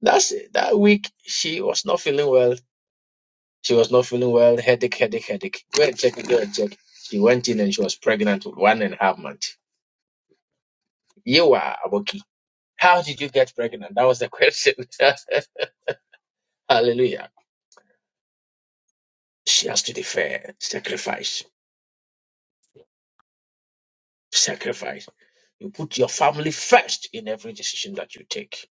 That's it. That week, she was not feeling well. She was not feeling well. Headache, headache, headache. Go and check, go and check. She went in and she was pregnant with one and a half months. You are Aboki. How did you get pregnant? That was the question. Hallelujah. She has to defer, sacrifice, sacrifice You put your family first in every decision that you take.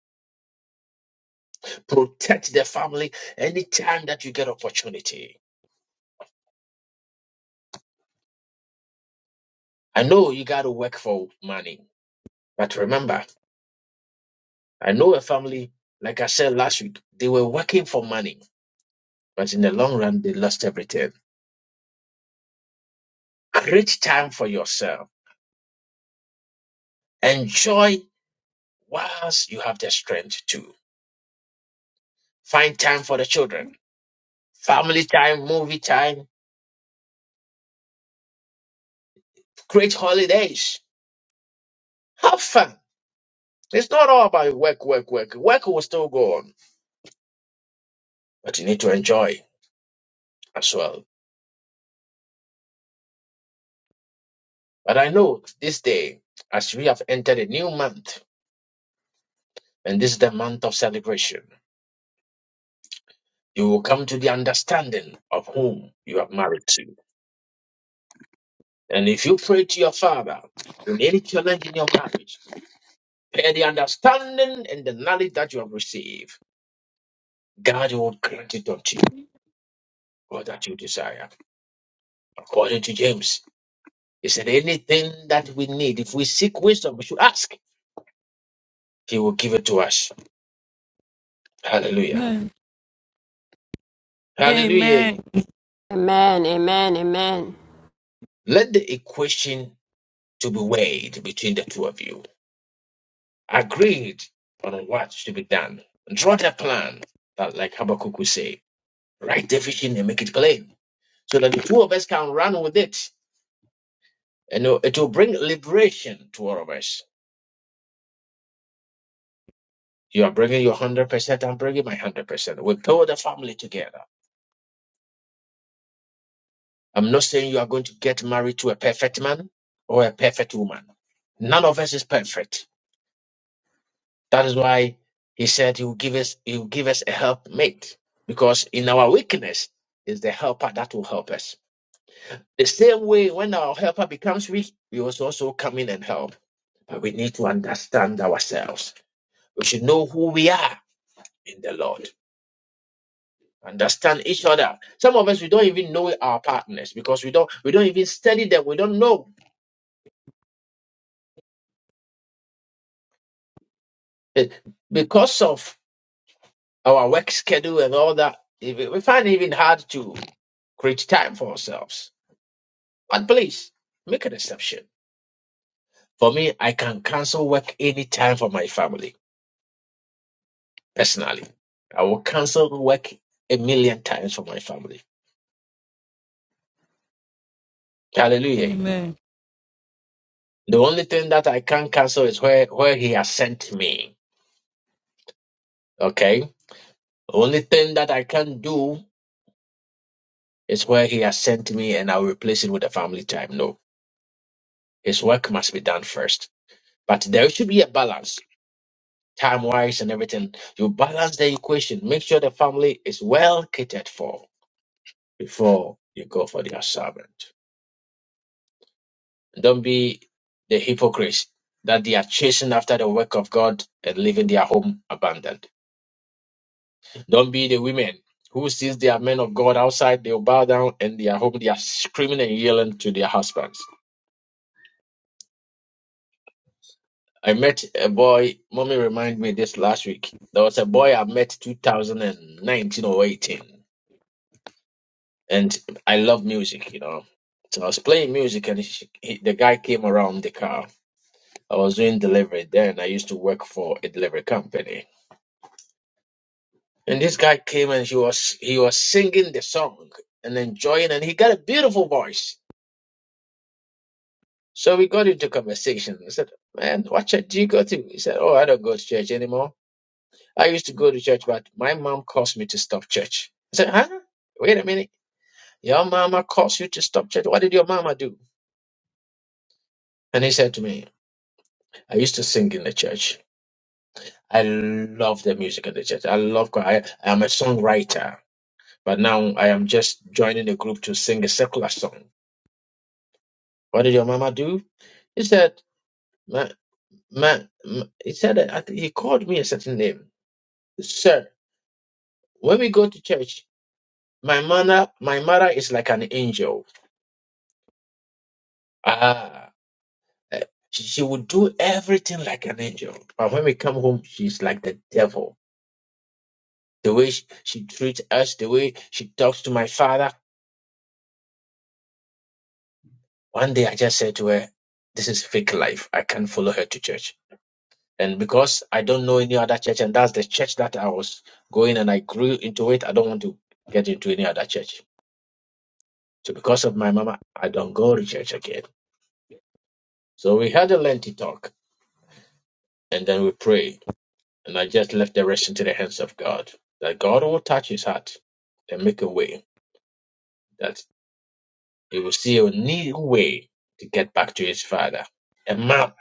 Protect the family anytime that you get opportunity. I know you got to work for money, but remember, I know a family, like I said last week, they were working for money, but in the long run, they lost everything. Create time for yourself. Enjoy whilst you have the strength to. Find time for the children. Family time, movie time. Create holidays. Have fun. It's not all about work, work, work. Work will still go on but you need to enjoy as well. But I know this day, as we have entered a new month, and this is the month of celebration, you will come to the understanding of whom you are married to. And if you pray to your father in any challenge in your marriage, pay the understanding and the knowledge that you have received, God will grant it unto you, all that you desire. According to James, he said, anything that we need, if we seek wisdom, we should ask. He will give it to us. Hallelujah.
Amen.
Hallelujah.
Amen.
Amen. Amen. Amen.
Let the equation to be weighed between the two of you. Agreed on what should be done. Draw the plan that, like Habakkuk would say, write the vision and make it plain so that the two of us can run with it. And it will bring liberation to all of us. You are bringing your 100%, I'm bringing my 100%. We build a family together. I'm not saying you are going to get married to a perfect man or a perfect woman. None of us is perfect. That is why he said he will give us he will give us a helpmate because in our weakness is the helper that will help us. The same way when our helper becomes weak, we must also come in and help. But we need to understand ourselves. We should know who we are in the Lord. Understand each other. Some of us we don't even know our partners because we don't we don't even study them. We don't know Eh, because of our work schedule and all that. eh, We we find it even hard to create time for ourselves But please make an exception. For me, I can cancel work anytime for my family. Personally, I will cancel work a million times for my family. Hallelujah. The only thing that I can cancel is where, where he has sent me. Okay. The only thing that I can do is where he has sent me and I'll replace it with a family time. No, his work must be done first. But there should be a balance, time wise and everything. You balance the equation. Make sure the family is well catered for before you go for their servant. Don't be the hypocrites that they are chasing after the work of God and leaving their home abandoned. Don't be the women who sees their men of God outside, they will bow down and their home, they are screaming and yelling to their husbands. I met a boy, mommy reminded me this last week. There was a boy I met 2019 or 18, and I love music, you know. So I was playing music, and he, he- the guy came around the car I was doing delivery then. I used to work for a delivery company. And this guy came and he was he was singing the song and enjoying and he got a beautiful voice. So we got into conversation. I said, Man, what church do you go to? He said, Oh, I don't go to church anymore. I used to go to church, but my mom caused me to stop church. I said, Huh? Wait a minute. Your mama caused you to stop church. What did your mama do? And he said to me, I used to sing in the church. I love the music in the church. I love choir. I'm a songwriter. But now I am just joining a group to sing a secular song. What did your mama do? He said, ma, ma, ma- he said, I think he called me a certain name. Sir, when we go to church, my mother, my mother is like an angel. Ah, eh, she, she would do everything like an angel. But when we come home, she's like the devil. The way she, she treats us, the way she talks to my father. One day I just said to her, this is fake life. I can't follow her to church. And because I don't know any other church, and that's the church that I was going and I grew into it, I don't want to get into any other church. So because of my mama, I don't go to church again. So we had a lengthy talk and then we prayed. And I just left the rest into the hands of God. That God will touch his heart and make a way. That he will see a new way to get back to his father. A man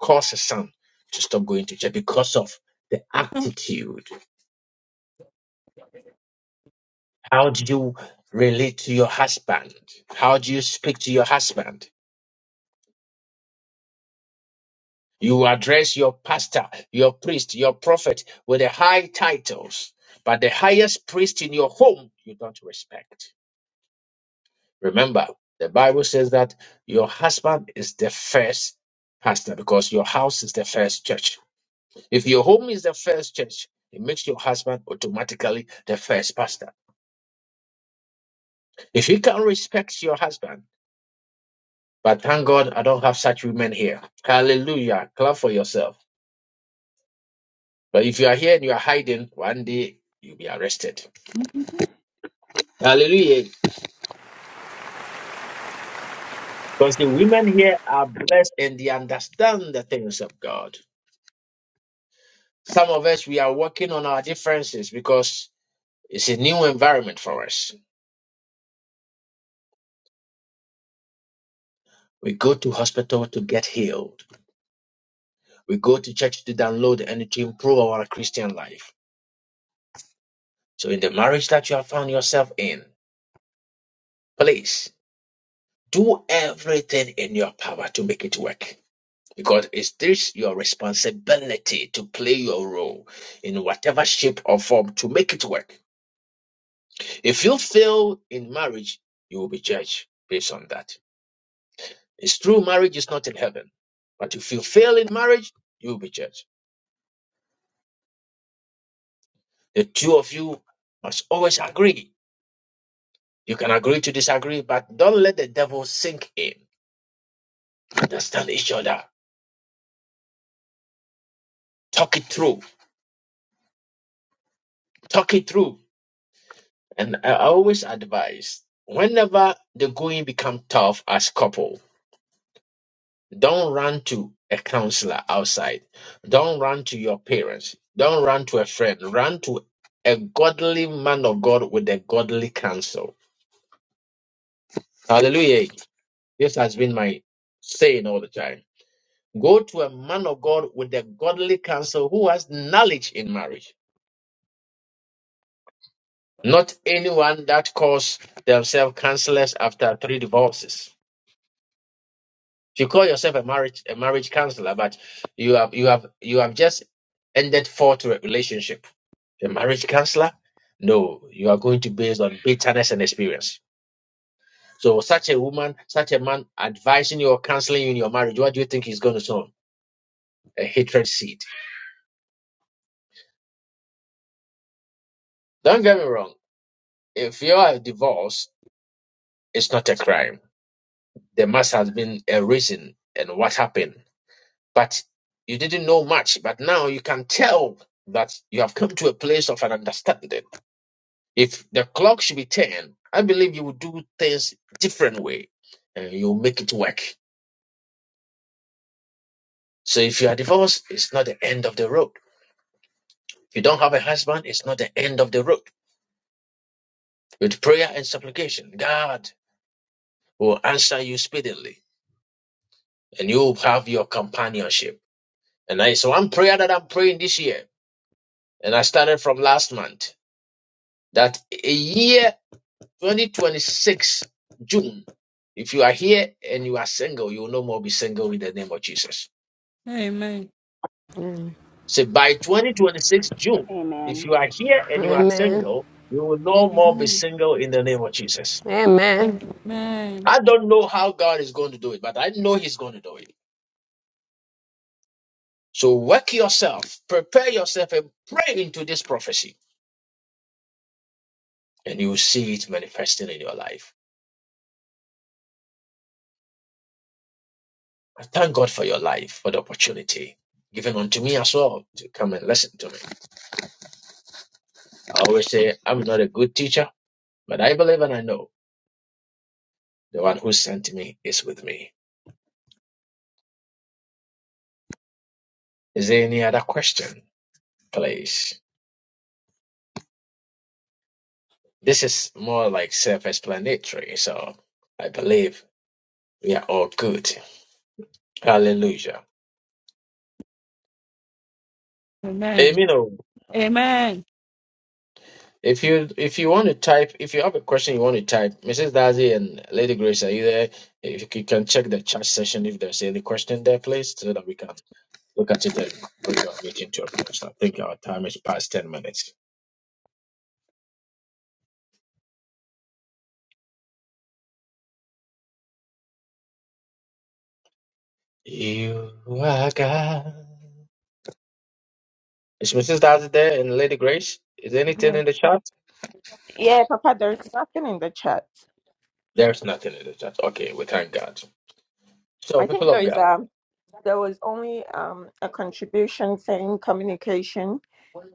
caused a son to stop going to church because of the attitude How do you relate to your husband? How do you speak to your husband? You address your pastor, your priest, your prophet with the high titles, but the highest priest in your home you don't respect. Remember, the Bible says that your husband is the first pastor because your house is the first church. If your home is the first church, it makes your husband automatically the first pastor. If you can respect your husband, But thank God I don't have such women here. Hallelujah. Clap for yourself. But if you are here and you are hiding, one day you'll be arrested. Hallelujah. Because the women here are blessed and they understand the things of God. Some of us, we are working on our differences because it's a new environment for us. We go to hospital to get healed. We go to church to download and to improve our Christian life. So in the marriage that you have found yourself in, please do everything in your power to make it work. because it's this your responsibility to play your role in whatever shape or form to make it work. If you fail in marriage, you will be judged based on that. It's true, marriage is not in heaven, but if you fail in marriage, you will be judged. The two of you must always agree. You can agree to disagree, but don't let the devil sink in. Understand each other. Talk it through. Talk it through. And I always advise whenever the going become tough as couple Don't run to a counselor outside. Don't run to your parents. Don't run to a friend. Run to a godly man of God with a godly counsel. Hallelujah. This has been my saying all the time. Go to a man of God with a godly counsel who has knowledge in marriage, not anyone that calls themselves counselors after three divorces. You call yourself a marriage a marriage counselor, but you have you have you have just ended four to a relationship. A marriage counselor? No, you are going to based on bitterness and experience. So such a woman, such a man advising you or counseling you in your marriage, what do you think is going to sow? A hatred seed. Don't get me wrong. If you are divorced, it's not a crime. There must have been a reason and what happened. But you didn't know much, but now you can tell that you have come to a place of an understanding If the clock should be 10, I believe you will do things different way and you'll make it work. So if you are divorced, it's not the end of the road. If you don't have a husband, it's not the end of the road. With prayer and supplication, God will answer you speedily and you'll have your companionship. And that is one prayer that I'm praying this year. And I started from last month that a year 2026, June, if you are here and you are single, you will no more be single in the name of Jesus.
Amen.
So by 2026 June,
Amen.
if you are here
Amen.
and you are
Amen.
single, you will no more be
Amen.
single in the name of Jesus.
Amen.
Amen.
I don't know how God is going to do it, but I know He's going to do it. So work yourself, prepare yourself, and pray into this prophecy, and you will see it manifesting in your life. I thank God for your life, for the opportunity given unto me as well to come and listen to me. I always say I'm not a good teacher, but I believe and I know the one who sent me is with me. Is there any other question, please? This is more like self-explanatory, so I believe we are all good. Hallelujah.
Amen.
Amen. oh.
Amen. Amen.
If you if you want to type, if you have a question you want to type, Mrs. Dazzy and Lady Grace, are you there? If you c- can check the chat session if there's any question there, please, so that we can look at it and bring our meeting to a close. I think our time is past ten minutes. You are God. Is Mrs. Dazzy there and Lady Grace? Is there anything in the chat?
Yeah, Papa, there is nothing in the chat.
There's nothing in the chat. Okay, we thank God. So,
I think
people
there
of
is
God.
um there was only um a contribution saying communication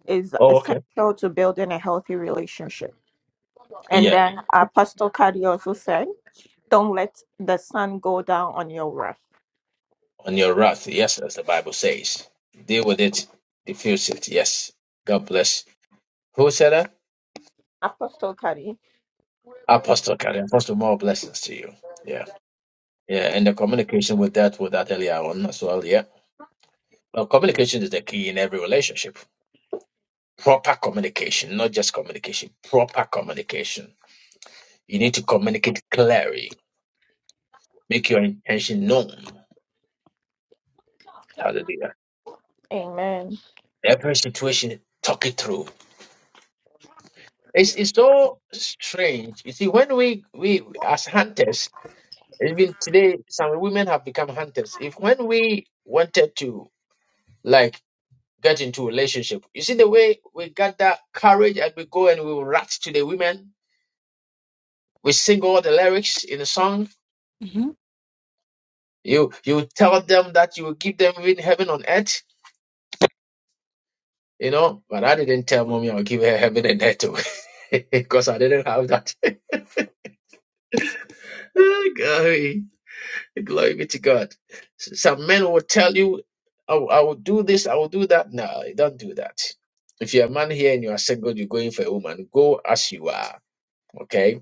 is
Oh, okay.
essential to building a healthy relationship. And
Yeah,
then Apostle Kadi also said, Don't let the sun go down on your wrath.
on your wrath. Yes, as the Bible says. Deal with it, diffuse it. Yes. God bless. Who said that?
Apostle Kadi.
Apostle Kari. Apostle, more blessings to you. Yeah. Yeah. And the communication with that, with that earlier on as well. Yeah. Well, communication is the key in every relationship. Proper communication, not just communication, proper communication. You need to communicate clearly, make your intention known. Hallelujah.
Amen.
Every situation, talk it through. It's, it's so strange. You see, when we, we as hunters, even today, some women have become hunters. If when we wanted to like get into a relationship, you see the way we got that courage and we go and we rat to the women. We sing all the lyrics in the song.
Mhm.
You you tell them that you will give them even heaven on earth. You know, but I didn't tell mommy I'll give her heaven and earth because I didn't have that. Glory be to God. S- Some men will tell you, I will, I will do this, I will do that. No, don't do that. If you're a man here and you are single, you're going for a woman, go as you are. Okay?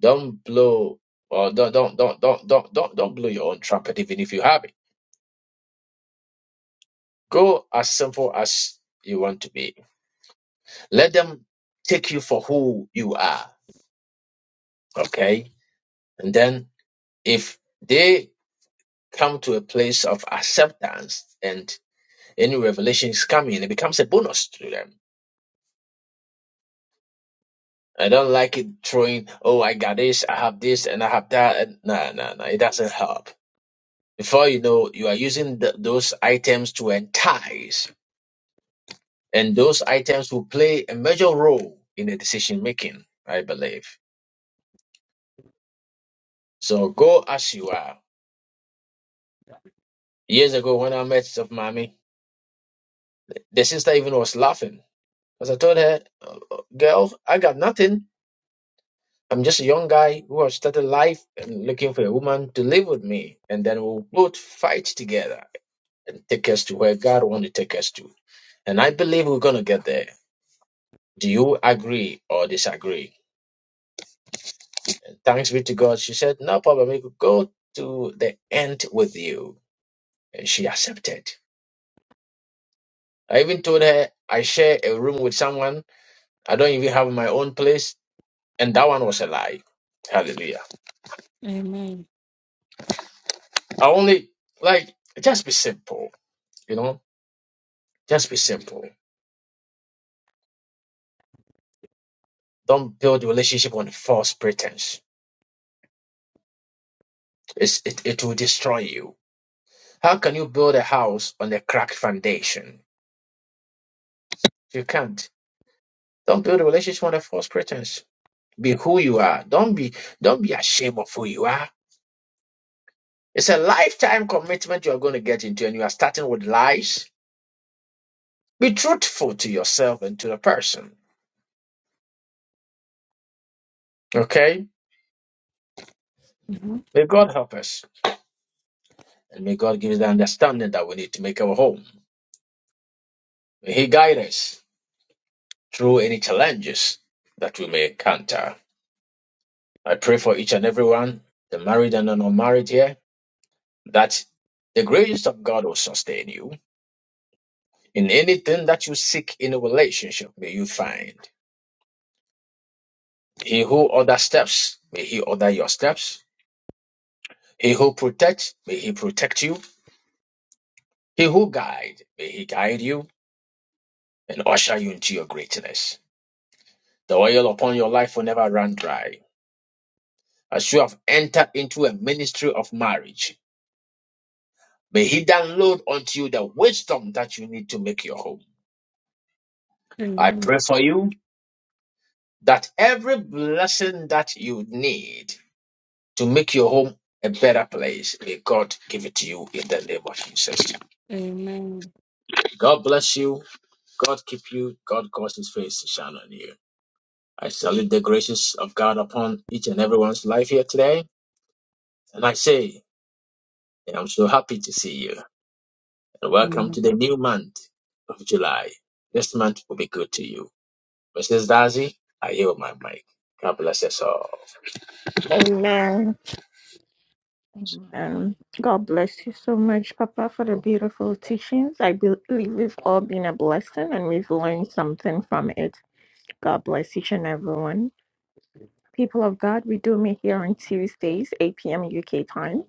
Don't blow or don't don't don't don't don't don't, don't blow your own trumpet even if you have it. Go as simple as you want to be. Let them take you for who you are. Okay? And then if they come to a place of acceptance and Any revelations coming, it becomes a bonus to them. I don't like it throwing, oh, I got this, I have this, and I have that. and- No, no, no, it doesn't help. Before you know, you are using th- those items to entice, and those items will play a major role in the decision making, I believe. So go as you are. Years ago, when I met Mommy, the sister even was laughing. Because I told her, "Uh, uh, girl, I got nothing. I'm just a young guy who has started life and looking for a woman to live with me, and then we'll both fight together and take us to where God wants to take us to. And I believe we're gonna get there. Do you agree or disagree? And thanks be to God, she said, No problem, we could go to the end with you. And she accepted. I even told her I share a room with someone. I don't even have my own place, and that one was a lie. Hallelujah.
Amen.
I only like just be simple, you know, just be simple Don't build relationship on false pretense. It's, it, it will destroy you. How can you build a house on a cracked foundation? You can't. Don't build a relationship on a false pretense. Be who you are. Don't be don't be ashamed of who you are. It's a lifetime commitment you are going to get into, and you are starting with lies. Be truthful to yourself and to the person. Okay?
Mhm.
May God help us. And may God give us the understanding that we need to make our home. May He guide us through any challenges that we may encounter. I pray for each and everyone, the married and the unmarried here, that the grace of God will sustain you. In anything that you seek in a relationship, may you find. He who order steps, may he order your steps. He who protects, may he protect you. He who guide, may he guide you and usher you into your greatness. The oil upon your life will never run dry. As you have entered into a ministry of marriage, may he download unto you the wisdom that you need to make your home. I
Amen.
pray for you that every blessing that you need to make your home a better place, may God give it to you in the name of Jesus.
Amen.
God bless you. God keep you. God cause his face to shine on you. I salute the graces of God upon each and everyone's life here today. And I say, I'm so happy to see you. And welcome
Amen.
to the new month of July. This month will be good to you. Mrs. Darcy, I yield my mic. God bless us all.
Amen. Amen. God bless you so much, Papa, for the beautiful teachings. I believe we've all been a blessing and we've learned something from it. God bless each and everyone. People of God, we do meet here on Tuesdays, 8 p.m. UK time.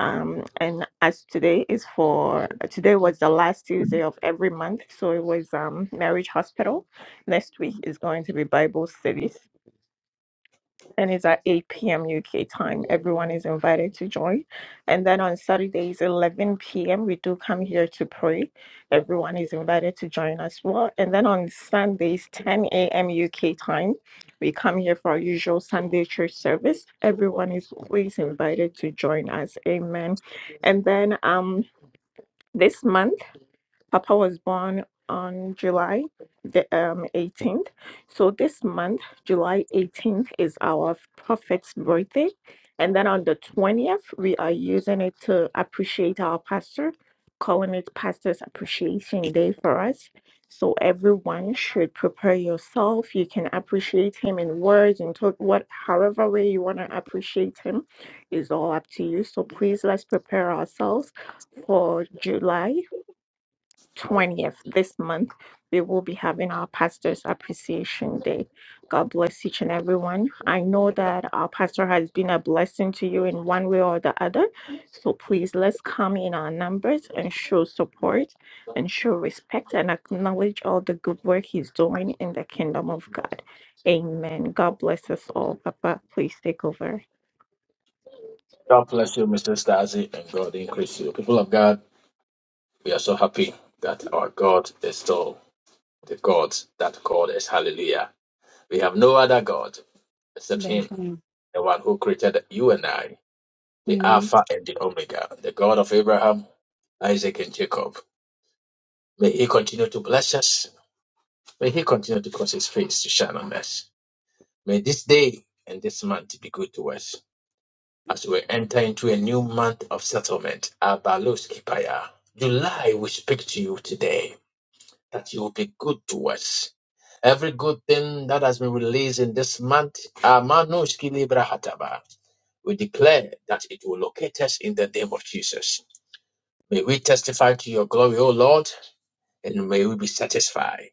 Um, and as today is for today was the last Tuesday of every month, so it was um marriage hospital. Next week is going to be Bible studies and it's at 8 p.m. UK time. Everyone is invited to join. And then on Saturdays, 11 p.m., we do come here to pray. Everyone is invited to join as well. And then on Sundays, 10 a.m. UK time, we come here for our usual Sunday church service. Everyone is always invited to join us. Amen. And then um, this month, Papa was born on July the um, 18th. So this month, July 18th, is our prophet's birthday. And then on the 20th, we are using it to appreciate our pastor, calling it Pastor's Appreciation Day for us. So everyone should prepare yourself. You can appreciate him in words and talk what however way you want to appreciate him is all up to you. So please let's prepare ourselves for July 20th this month, we will be having our Pastor's Appreciation Day. God bless each and everyone. I know that our pastor has been a blessing to you in one way or the other. So please let's come in our numbers and show support and show respect and acknowledge all the good work he's doing in the kingdom of God. Amen. God bless us all. Papa, please take over.
God bless you, Mrs. Darcy, and God increase you. People of God, We are so happy that our God is still the God that called us. Hallelujah. We have no other God except Him, the one who created you and I, the Alpha and the Omega, the God of Abraham, Isaac, and Jacob. May He continue to bless us. May He continue to cause His face to shine on us. May this day and this month be good to us as we enter into a new month of settlement. Abalos Kipaya. July, we speak to you today. that you will be good to us. Every good thing that has been released in this month, Amanush Kilibra Hataba, we declare that it will locate us in the name of Jesus. May we testify to your glory, O Lord, and may we be satisfied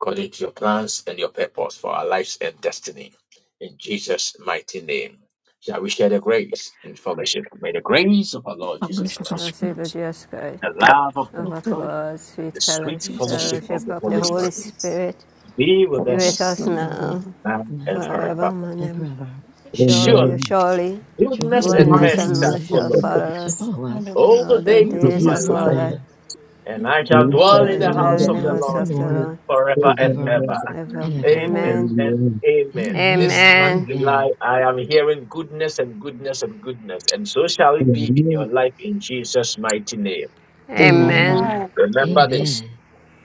according to your plans and your purpose for our lives and destiny. In Jesus' mighty name, shall we share the grace and fellowship? May the grace of our Lord Jesus Christ,
Receive the just God,
the love of
love
God,
of God, sweet
the sweet fellowship of
fellowship
the
of the
Holy
Holy
Spirit
Spirit.
be with
Be
us
with us now,
goodness,
man
now
have
forever,
and
Amen.
forever.
Surely,
Surely
Amen.
surely,
Surely
goodness
Thank
and
you
goodness
goodness
mercy
and
for
and
shall
mercy
mercy
making
shall
follow
us
me
for
follow us
shall
this.
follow us
Amen. Amen.
all the
all the
all
days
the
The
of
days
days
my
grace
of
of
our
of
our
life,
life.
Allah.
lives,
and I
Jesus,
And
and
shall
we
we
And I
try
shall
dwell in
to
shall
the
dwell
dwell
remember
house
in
in
the
of
the
the
how it's
house
house
of the
Lord
been
of the
Lord
done.
Lord
forever and
Amen.
forever
ever.
ever.
and ever.
Amen.
Amen
Amen.
and
Amen.
amen. This
Amen and
month,
Amen.
July,
amen.
I am hearing goodness and goodness and goodness, and so shall it be in
Amen.
your
Amen.
life in Jesus' mighty name.
Amen.
Amen.
Amen.
Remember this
Amen.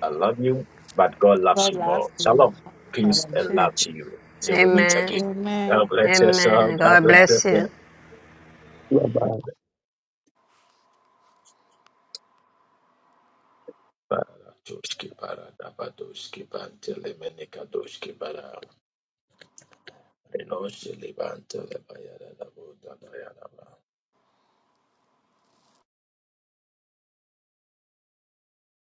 I love you, but God loves
God
you more.
loves you.
Shalom, peace,
Father.
and
Sure.
love to you. Till we meet again.
Amen.
Amen.
God bless yourself.
Amen.
God
God
bless
bless you.
yourself.
Rabbi.